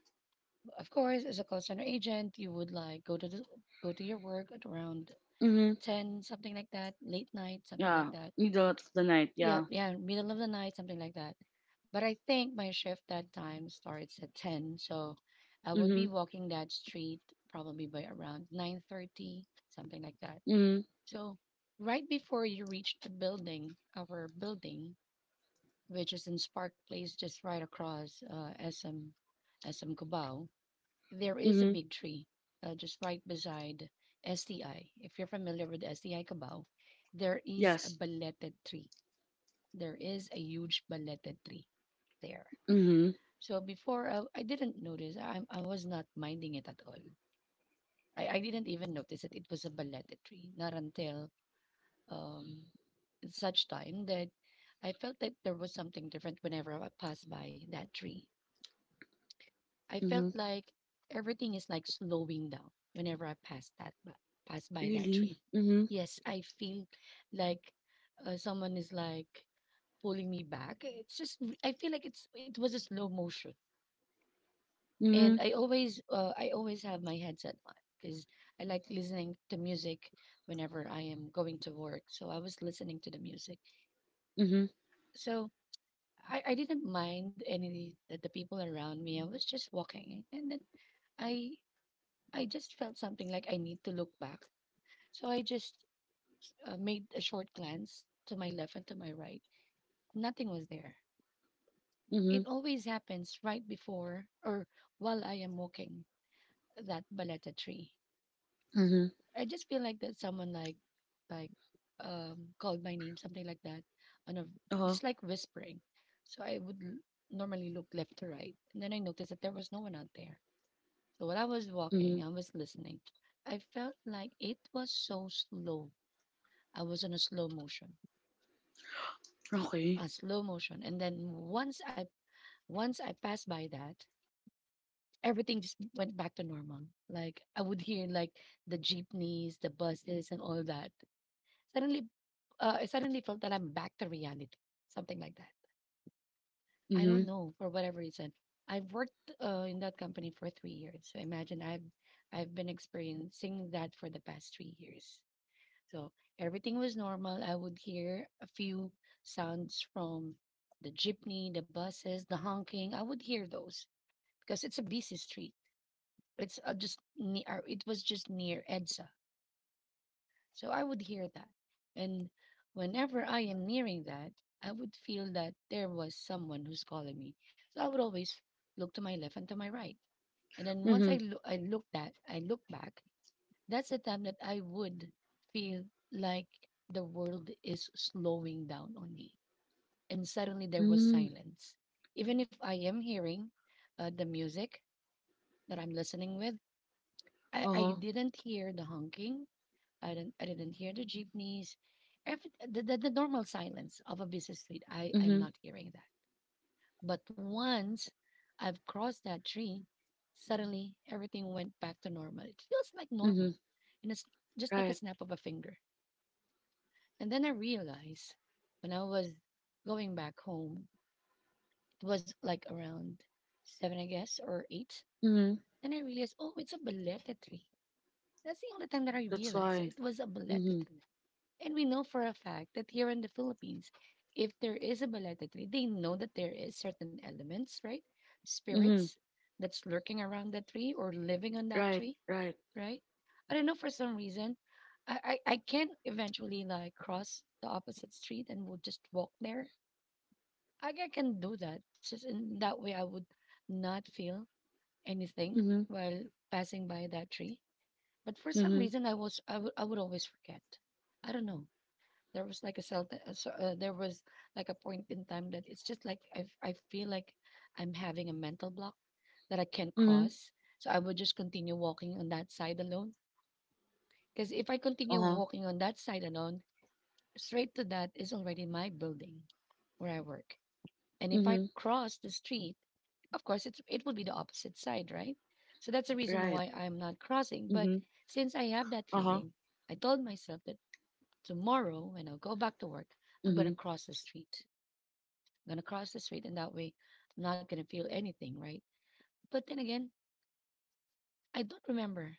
Speaker 1: of course, as a call center agent, you would like go to the, go to your work at around
Speaker 2: Mhm.
Speaker 1: ten, something like that, late night, something like
Speaker 2: Yeah.
Speaker 1: that.
Speaker 2: Middle of the night,
Speaker 1: Yeah,
Speaker 2: yeah.
Speaker 1: yeah, middle of the night, something like that. But I think my shift that time starts at ten, so I would
Speaker 2: Mhm.
Speaker 1: be walking that street probably by around nine thirty, something like that.
Speaker 2: Mhm.
Speaker 1: So right before you reach the building, our building, which is in Spark Place, just right across uh, S M SM Cubao, there is a
Speaker 2: Mhm.
Speaker 1: big tree uh, just right beside S T I. If you're familiar with S T I Cubao, there is a
Speaker 2: Yes.
Speaker 1: belated tree, there is a huge balete tree there.
Speaker 2: Mhm.
Speaker 1: So before uh, I didn't notice, I, I was not minding it at all. I, I didn't even notice that it was a balete tree, not until um, such time that I felt that there was something different whenever I passed by that tree. I felt
Speaker 2: Mhm.
Speaker 1: like everything is like slowing down whenever I pass that by, pass by that
Speaker 2: Really?
Speaker 1: tree.
Speaker 2: Mhm.
Speaker 1: Yes, I feel like uh, someone is like pulling me back. It's just r- I feel like it's it was a slow motion, and
Speaker 2: Mhm.
Speaker 1: I always uh, I always have my headset on because I like listening to music whenever I am going to work. So I was listening to the music.
Speaker 2: Mhm.
Speaker 1: So I, I didn't mind any the, the people around me. I was just walking, and then I I just felt something like I need to look back. So I just uh, made a short glance to my left and to my right. Nothing was there. It
Speaker 2: Mhm.
Speaker 1: always happens right before or while I am walking that baleta tree.
Speaker 2: Mhm.
Speaker 1: I just feel like that someone like like um called my name, something like that, on a
Speaker 2: Uh-huh.
Speaker 1: just like whispering. So I would l- normally look left to right, and then I noticed that there was no one out there. So while I was walking,
Speaker 2: Mhm.
Speaker 1: I was listening. I felt like it was so slow. I was on a slow motion,
Speaker 2: Okay.
Speaker 1: a slow motion, and then once I once I passed by that, everything just went back to normal. Like I would hear like the jeepneys, the buses, and all that. Suddenly, uh, I suddenly felt that I'm back to reality, something like that. I don't
Speaker 2: Mhm.
Speaker 1: know for whatever reason. I've worked uh, in that company for three years, so imagine I've I've been experiencing that for the past three years. So everything was normal. I would hear a few sounds from the jeepney, the buses, the honking. I would hear those because it's a busy street. It's uh, just ne- uh, it was just near EDSA, so I would hear that, and whenever I am nearing that, I would feel that there was someone who's calling me. So I would always look to my left and to my right, and then once I
Speaker 2: Mhm.
Speaker 1: look, I look that I look back. That's the time that I would feel like the world is slowing down on me, and suddenly there was
Speaker 2: Mm,
Speaker 1: silence. Even if I am hearing uh, the music that I'm listening with, I, I
Speaker 2: uh-huh.
Speaker 1: didn't hear the honking. I didn't I didn't hear the jeepneys. Every the, the, the normal silence of a busy street. I I'm
Speaker 2: Mhm.
Speaker 1: not hearing that. But once I've crossed that tree, suddenly everything went back to normal. It feels like normal.
Speaker 2: Mhm.
Speaker 1: And it's just like a
Speaker 2: Right.
Speaker 1: snap of a finger. And then I realized when I was going back home, it was like around seven, I guess, or eight.
Speaker 2: Mhm.
Speaker 1: Then I realized, oh, it's a balete tree. That's the only time that I
Speaker 2: That's
Speaker 1: realized
Speaker 2: why.
Speaker 1: it was a balete
Speaker 2: Mhm.
Speaker 1: tree. And we know for a fact that here in the Philippines, if there is a Baleta tree, they know that there is certain elements, right?
Speaker 2: Mhm.
Speaker 1: Spirits that's lurking around that tree or living on that
Speaker 2: Right.
Speaker 1: tree,
Speaker 2: Right.
Speaker 1: right? I don't know for some reason. I, I, I can eventually like cross the opposite street and would just walk there. I, I can do that. Just in that way I would not feel anything
Speaker 2: Mhm.
Speaker 1: while passing by that tree. But for some
Speaker 2: Mhm.
Speaker 1: reason I was I would I would always forget. I don't know there was like a cell t- uh, so, uh, there was like a point in time that it's just like I, f- I feel like I'm having a mental block that I can't
Speaker 2: Mhm.
Speaker 1: cross, so I would just continue walking on that side alone because if I continue
Speaker 2: Uh-huh.
Speaker 1: walking on that side alone, straight to that is already my building where I work. And if I
Speaker 2: Mhm.
Speaker 1: cross the street, of course it's, it would be the opposite side, right? So that's the reason
Speaker 2: Right.
Speaker 1: why I'm not crossing. But
Speaker 2: Mhm.
Speaker 1: since I have that
Speaker 2: Uh-huh.
Speaker 1: feeling, I told myself that tomorrow when I go back to work, I'm going to
Speaker 2: Mhm.
Speaker 1: cross the street, gonna cross the street, and that way I'm not gonna feel anything, right? But then again, I don't remember.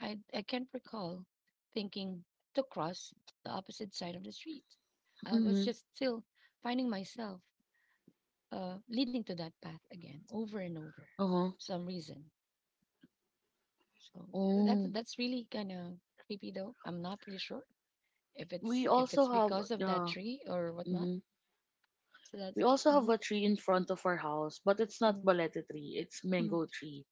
Speaker 1: I I can't recall thinking to cross the opposite side of the street. I was
Speaker 2: Mhm.
Speaker 1: just still finding myself uh, leading to that path again, over and over,
Speaker 2: Uh-huh.
Speaker 1: for some reason. So that's
Speaker 2: Oh.
Speaker 1: that's really kind of creepy, though. I'm not pretty sure if
Speaker 2: We
Speaker 1: it's if it's
Speaker 2: also have,
Speaker 1: because of that
Speaker 2: yeah.
Speaker 1: tree or whatnot.
Speaker 2: Mhm.
Speaker 1: So
Speaker 2: We
Speaker 1: that's
Speaker 2: also have
Speaker 1: mm-hmm,
Speaker 2: a tree in front of our house, but it's not
Speaker 1: mm-hmm,
Speaker 2: balete tree, it's
Speaker 1: mm-hmm,
Speaker 2: mango tree.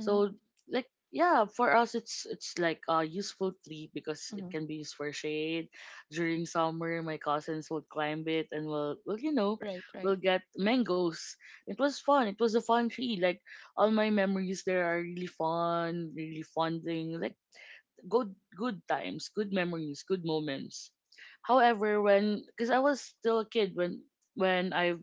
Speaker 1: mm-hmm,
Speaker 2: like, yeah, for us it's it's like a useful tree because it
Speaker 1: mm-hmm.
Speaker 2: can be used for shade. During summer, my cousins would climb it and we'll, well, you know,
Speaker 1: Right, right.
Speaker 2: we'll get mangoes. It was fun. It was a fun tree. Like, all my memories there are really fun, really fun thing. Like good good times, good memories, good moments. However, when, because I was still a kid when when I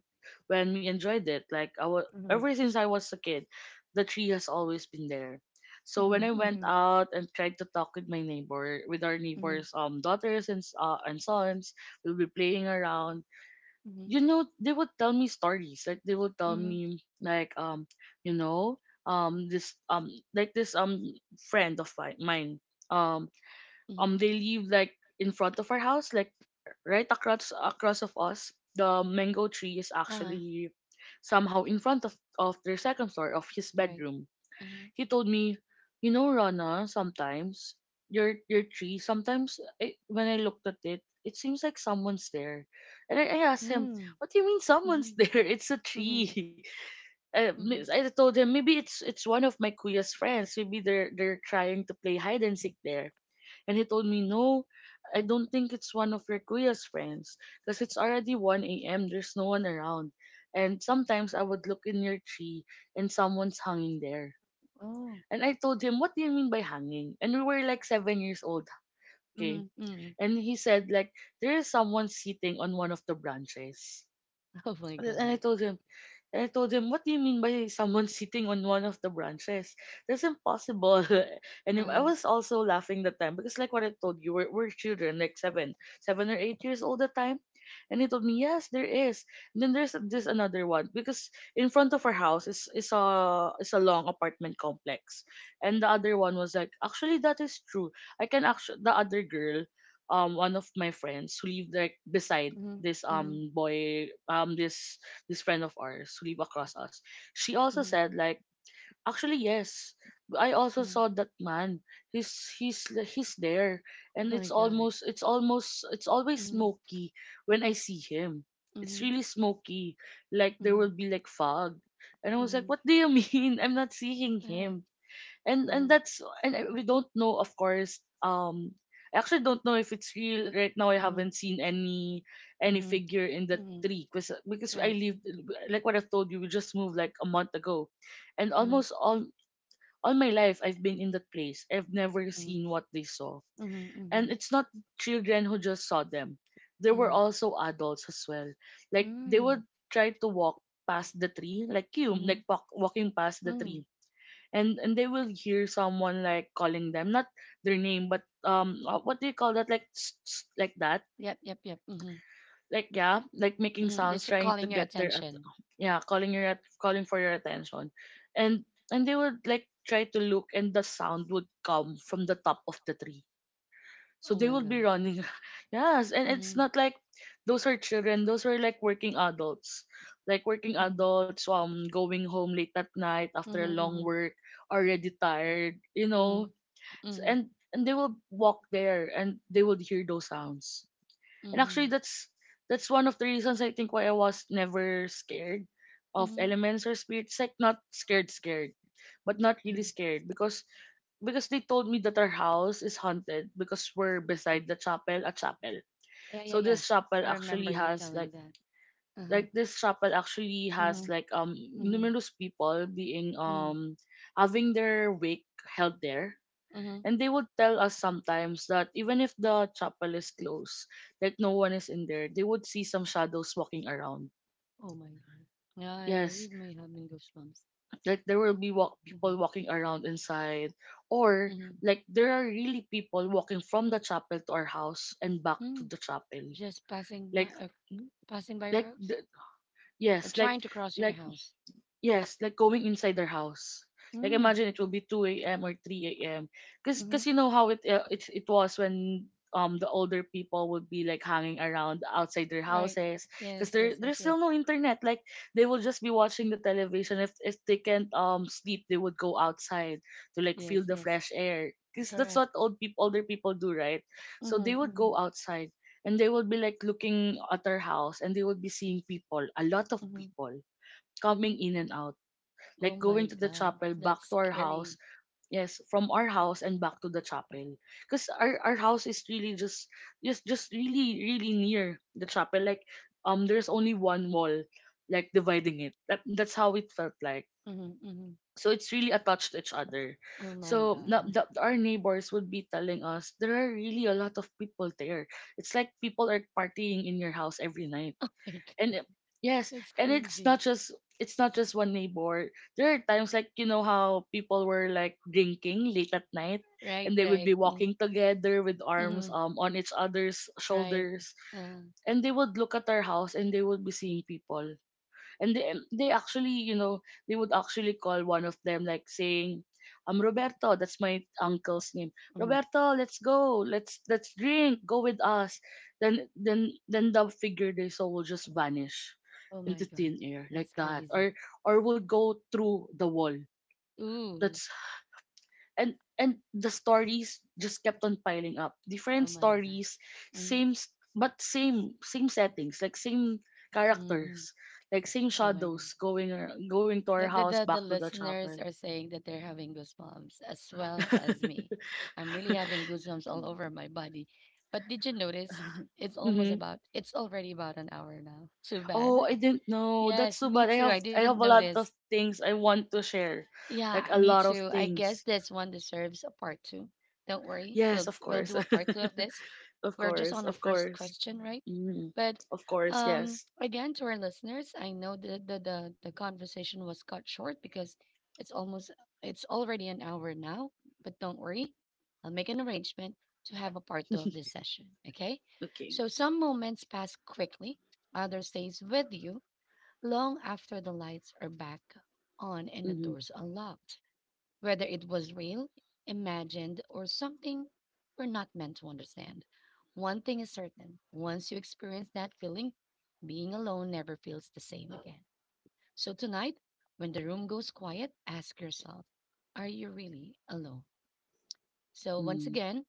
Speaker 2: when we enjoyed it, like I was
Speaker 1: Mm-hmm,
Speaker 2: ever since I was a kid, the tree has always been there. So when I
Speaker 1: mm-hmm,
Speaker 2: went
Speaker 1: mm-hmm.
Speaker 2: out and tried to talk with my neighbor, with our
Speaker 1: Mhm,
Speaker 2: neighbors' um daughters and s- uh, and sons, we'll be playing around.
Speaker 1: mhm,
Speaker 2: You know, they would tell me stories. Like they would tell
Speaker 1: mhm,
Speaker 2: me like um you know um this um like this um friend of mi- mine um
Speaker 1: mhm.
Speaker 2: um, they live like in front of our house, like right across across of us. The mango tree is
Speaker 1: Uh-huh,
Speaker 2: actually somehow in front of of their second floor of his
Speaker 1: right.
Speaker 2: bedroom.
Speaker 1: Uh-huh.
Speaker 2: He told me, you know, Rana, sometimes your your tree, sometimes I, when I looked at it, it seems like someone's there. And I, I asked him,
Speaker 1: Mm,
Speaker 2: what do you mean someone's
Speaker 1: mhm,
Speaker 2: there? It's a
Speaker 1: mhm,
Speaker 2: tree. Uh, mi-
Speaker 1: mhm.
Speaker 2: I told him maybe it's it's one of my kuya's friends. Maybe they're they're trying to play hide and seek there. And he told me, no, I don't think it's one of your kuya's friends because it's already one a m. There's no one around. And sometimes I would look in your tree and someone's hanging there.
Speaker 1: Oh,
Speaker 2: And I told him, what do you mean by hanging? And we were like seven years old, okay?
Speaker 1: mhm, mhm.
Speaker 2: And he said, like, there is someone sitting on one of the branches.
Speaker 1: Oh my
Speaker 2: And
Speaker 1: God.
Speaker 2: I told him, and I told him, what do you mean by someone sitting on one of the branches? That's impossible. and I
Speaker 1: Uh-huh,
Speaker 2: was also laughing that time because, like what I told you, we're, we're children, like seven, seven or eight years old at the time. And he told me, yes, there is. And then there's this another one because in front of our house is is a is a long apartment complex, and the other one was like, actually that is true. I can actually The other girl, um one of my friends who lived like beside
Speaker 1: mhm,
Speaker 2: this
Speaker 1: mhm,
Speaker 2: um boy, um this this friend of ours who lived across us. She also
Speaker 1: mhm,
Speaker 2: said, like, actually yes. I also
Speaker 1: mhm.
Speaker 2: saw that man. He's he's he's there, and
Speaker 1: Oh
Speaker 2: it's
Speaker 1: my God.
Speaker 2: almost it's almost it's always
Speaker 1: Mhm,
Speaker 2: smoky when I see him. It's
Speaker 1: mhm,
Speaker 2: really smoky. Like there will
Speaker 1: mhm,
Speaker 2: be like fog. And I was like,
Speaker 1: mhm.
Speaker 2: what do you mean? I'm not seeing
Speaker 1: Uh-huh,
Speaker 2: him and and
Speaker 1: uh-huh,
Speaker 2: that's and I- we don't know, of course. um I actually don't know if it's real right now. I
Speaker 1: uh-huh,
Speaker 2: haven't seen any any
Speaker 1: mhm,
Speaker 2: figure in the
Speaker 1: mhm.
Speaker 2: tree because because I
Speaker 1: Correct.
Speaker 2: live, like what I've told you, we just moved like a month ago, and
Speaker 1: Mhm,
Speaker 2: almost all all my life I've been in that place. I've never
Speaker 1: mhm,
Speaker 2: seen what they saw.
Speaker 1: mhm,
Speaker 2: And
Speaker 1: mhm,
Speaker 2: it's not children who just saw them, there were
Speaker 1: mhm.
Speaker 2: also adults as well. Like they would
Speaker 1: Mm,
Speaker 2: try to walk past the tree, like you
Speaker 1: mhm,
Speaker 2: like walk, walking past the
Speaker 1: mm.
Speaker 2: tree. And and they will hear someone like calling them, not their name, but um uh, what do you call that, like s- s- like that,
Speaker 1: Yep, yep, yep. Mhm,
Speaker 2: like yeah, like making
Speaker 1: mhm.
Speaker 2: sounds
Speaker 1: Just
Speaker 2: trying to
Speaker 1: calling your
Speaker 2: get their at-
Speaker 1: attention.
Speaker 2: yeah, calling your at- calling for your attention. And and they would like try to look, and the sound would come from the top of the tree, so
Speaker 1: Oh
Speaker 2: they
Speaker 1: my
Speaker 2: would be
Speaker 1: God.
Speaker 2: running. Yes, and it's
Speaker 1: Mhm,
Speaker 2: not like, those are children, those are like working adults. Like working
Speaker 1: mhm,
Speaker 2: adults um going home late at night
Speaker 1: mhm,
Speaker 2: after a long
Speaker 1: mhm.
Speaker 2: work, already tired, you
Speaker 1: Mhm,
Speaker 2: know. S-
Speaker 1: mhm,
Speaker 2: and and they will walk there and they will hear those sounds. And actually,
Speaker 1: mhm,
Speaker 2: that's that's one of the reasons I think why I was never scared of
Speaker 1: mhm,
Speaker 2: elements or spirits, like not scared scared, but not really
Speaker 1: mhm.
Speaker 2: scared. Because because they told me that our house is haunted because we're beside the chapel, a chapel.
Speaker 1: Yeah, yeah,
Speaker 2: So
Speaker 1: yeah.
Speaker 2: this chapel
Speaker 1: I remember
Speaker 2: actually
Speaker 1: you
Speaker 2: has
Speaker 1: telling
Speaker 2: like,
Speaker 1: that. Uh-huh.
Speaker 2: like this chapel actually has
Speaker 1: Uh-huh.
Speaker 2: like um
Speaker 1: Mhm,
Speaker 2: numerous people being
Speaker 1: mhm,
Speaker 2: um having their wake held there.
Speaker 1: mhm.
Speaker 2: And they would tell us sometimes that even if the chapel is closed, like no one is in there, they would see some shadows walking around.
Speaker 1: Oh my God. Yeah, I we
Speaker 2: Yes,
Speaker 1: may have been goosebumps.
Speaker 2: like there will be walk-
Speaker 1: Mm-hmm.
Speaker 2: people walking around inside, or
Speaker 1: Mm-hmm.
Speaker 2: like there are really people walking from the chapel to our house and back to
Speaker 1: Mm.
Speaker 2: the chapel.
Speaker 1: Just passing by,
Speaker 2: Like,
Speaker 1: uh, passing by your
Speaker 2: like
Speaker 1: house,
Speaker 2: the,
Speaker 1: or
Speaker 2: yes,
Speaker 1: trying
Speaker 2: like
Speaker 1: to cross your
Speaker 2: like
Speaker 1: house.
Speaker 2: yes, like going inside their house. Like
Speaker 1: Mm.
Speaker 2: imagine it will be two a m or three a m. Cause,
Speaker 1: Mm-hmm.
Speaker 2: cause you know how it uh, it it was when um the older people would be like hanging around outside their
Speaker 1: Right.
Speaker 2: houses, because
Speaker 1: Yes.
Speaker 2: there
Speaker 1: Yes. Yes.
Speaker 2: there's still
Speaker 1: Yes.
Speaker 2: no internet. Like they will just be watching the television. If if they can't um sleep, they would go outside to like feel
Speaker 1: Yes.
Speaker 2: the
Speaker 1: Yes.
Speaker 2: fresh air, because that's
Speaker 1: Correct.
Speaker 2: what old people older people do, right? So
Speaker 1: Mm-hmm,
Speaker 2: they would
Speaker 1: mm-hmm,
Speaker 2: go outside and they would be like looking at their house, and they would be seeing people, a lot of
Speaker 1: mm-hmm.
Speaker 2: people coming in and out,
Speaker 1: Oh
Speaker 2: like
Speaker 1: my
Speaker 2: going to the
Speaker 1: God,
Speaker 2: chapel, back
Speaker 1: that's
Speaker 2: to our house,
Speaker 1: scary.
Speaker 2: yes, from our house and back to the chapel. Because our, our house is really just just just really really near the chapel. Like um there's only one wall like dividing it. That, that's how it felt like.
Speaker 1: Mm-hmm, mm-hmm.
Speaker 2: So it's really attached to each other.
Speaker 1: Oh my
Speaker 2: So na-
Speaker 1: God.
Speaker 2: the, our neighbors would be telling us there are really a lot of people there. It's like people are partying in your house every night.
Speaker 1: Like
Speaker 2: and it- yes.
Speaker 1: that's
Speaker 2: And it's
Speaker 1: crazy.
Speaker 2: not just, it's not just one neighbor. There are times, like you know how people were like drinking late at night,
Speaker 1: Right,
Speaker 2: and they would
Speaker 1: right.
Speaker 2: be
Speaker 1: Mm,
Speaker 2: walking together with arms
Speaker 1: mhm,
Speaker 2: um on each other's
Speaker 1: right.
Speaker 2: shoulders.
Speaker 1: Uh,
Speaker 2: And they would look at our house and they would be seeing people, and they they actually, you know, they would actually call one of them, like saying, um Roberto, that's my uncle's name,
Speaker 1: mhm.
Speaker 2: Roberto, let's go, let's let's drink, go with us. Then then then the figure they saw will just vanish
Speaker 1: Oh my
Speaker 2: into
Speaker 1: God.
Speaker 2: thin air, like
Speaker 1: That's
Speaker 2: that.
Speaker 1: crazy.
Speaker 2: Or or would go through the wall.
Speaker 1: Ooh.
Speaker 2: That's And and the stories just kept on piling up,
Speaker 1: Oh
Speaker 2: different
Speaker 1: my God.
Speaker 2: stories,
Speaker 1: Mm,
Speaker 2: same s- but same same settings, like same
Speaker 1: mhm.
Speaker 2: characters, like same
Speaker 1: Oh my God.
Speaker 2: shadows going ar- going to
Speaker 1: The,
Speaker 2: our
Speaker 1: the,
Speaker 2: house
Speaker 1: the, the
Speaker 2: back to the
Speaker 1: listeners
Speaker 2: chapel.
Speaker 1: are saying that they're having goosebumps as well as me. I'm really having goosebumps all over my body. But did you notice it's almost
Speaker 2: Mm-hmm.
Speaker 1: about, it's already about an hour now. Too bad.
Speaker 2: Oh, I didn't know, that's
Speaker 1: Yes,
Speaker 2: so
Speaker 1: me
Speaker 2: bad. I
Speaker 1: too.
Speaker 2: have
Speaker 1: I
Speaker 2: i
Speaker 1: didn't
Speaker 2: have a lot
Speaker 1: notice.
Speaker 2: of things I want to share,
Speaker 1: Yeah,
Speaker 2: like a
Speaker 1: me
Speaker 2: lot of
Speaker 1: too. I guess
Speaker 2: things.
Speaker 1: this one deserves a part two. Don't worry,
Speaker 2: Yes,
Speaker 1: we'll
Speaker 2: of
Speaker 1: we'll
Speaker 2: course.
Speaker 1: do a part two of this.
Speaker 2: Of
Speaker 1: We're just
Speaker 2: course,
Speaker 1: on our
Speaker 2: of
Speaker 1: first
Speaker 2: course.
Speaker 1: question, right?
Speaker 2: Mm.
Speaker 1: But
Speaker 2: Of course,
Speaker 1: um,
Speaker 2: yes.
Speaker 1: again, to our listeners, I know the the the, the conversation was cut short because it's almost it's already an hour now. But don't worry, I'll make an arrangement to have a part two of this session. Okay?
Speaker 2: Okay.
Speaker 1: So some moments pass quickly, others stays with you, long after the lights are back on and the
Speaker 2: Mm-hmm.
Speaker 1: doors unlocked, whether it was real, imagined, or something we're not meant to understand. One thing is certain once you experience that feeling, being alone never feels the same again. So tonight, when the room goes quiet, ask yourself, are you really alone? So, once
Speaker 2: Mm-hmm.
Speaker 1: again,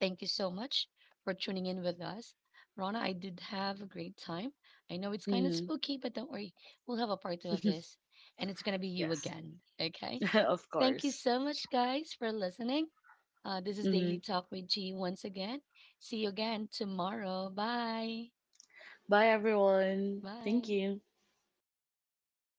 Speaker 1: thank you so much for tuning in with us. Rana, I did have a great time. I know it's kind of
Speaker 2: Mm-hmm.
Speaker 1: spooky, but don't worry. We'll have a part two of this, and it's going to be you
Speaker 2: Yes,
Speaker 1: again. Okay.
Speaker 2: of
Speaker 1: Thank you
Speaker 2: course.
Speaker 1: so much, guys, for listening. Uh, this is Daily
Speaker 2: Mm-hmm.
Speaker 1: Talk with G once again. See you again tomorrow. Bye.
Speaker 2: Bye, everyone. Thank
Speaker 1: Bye.
Speaker 2: you.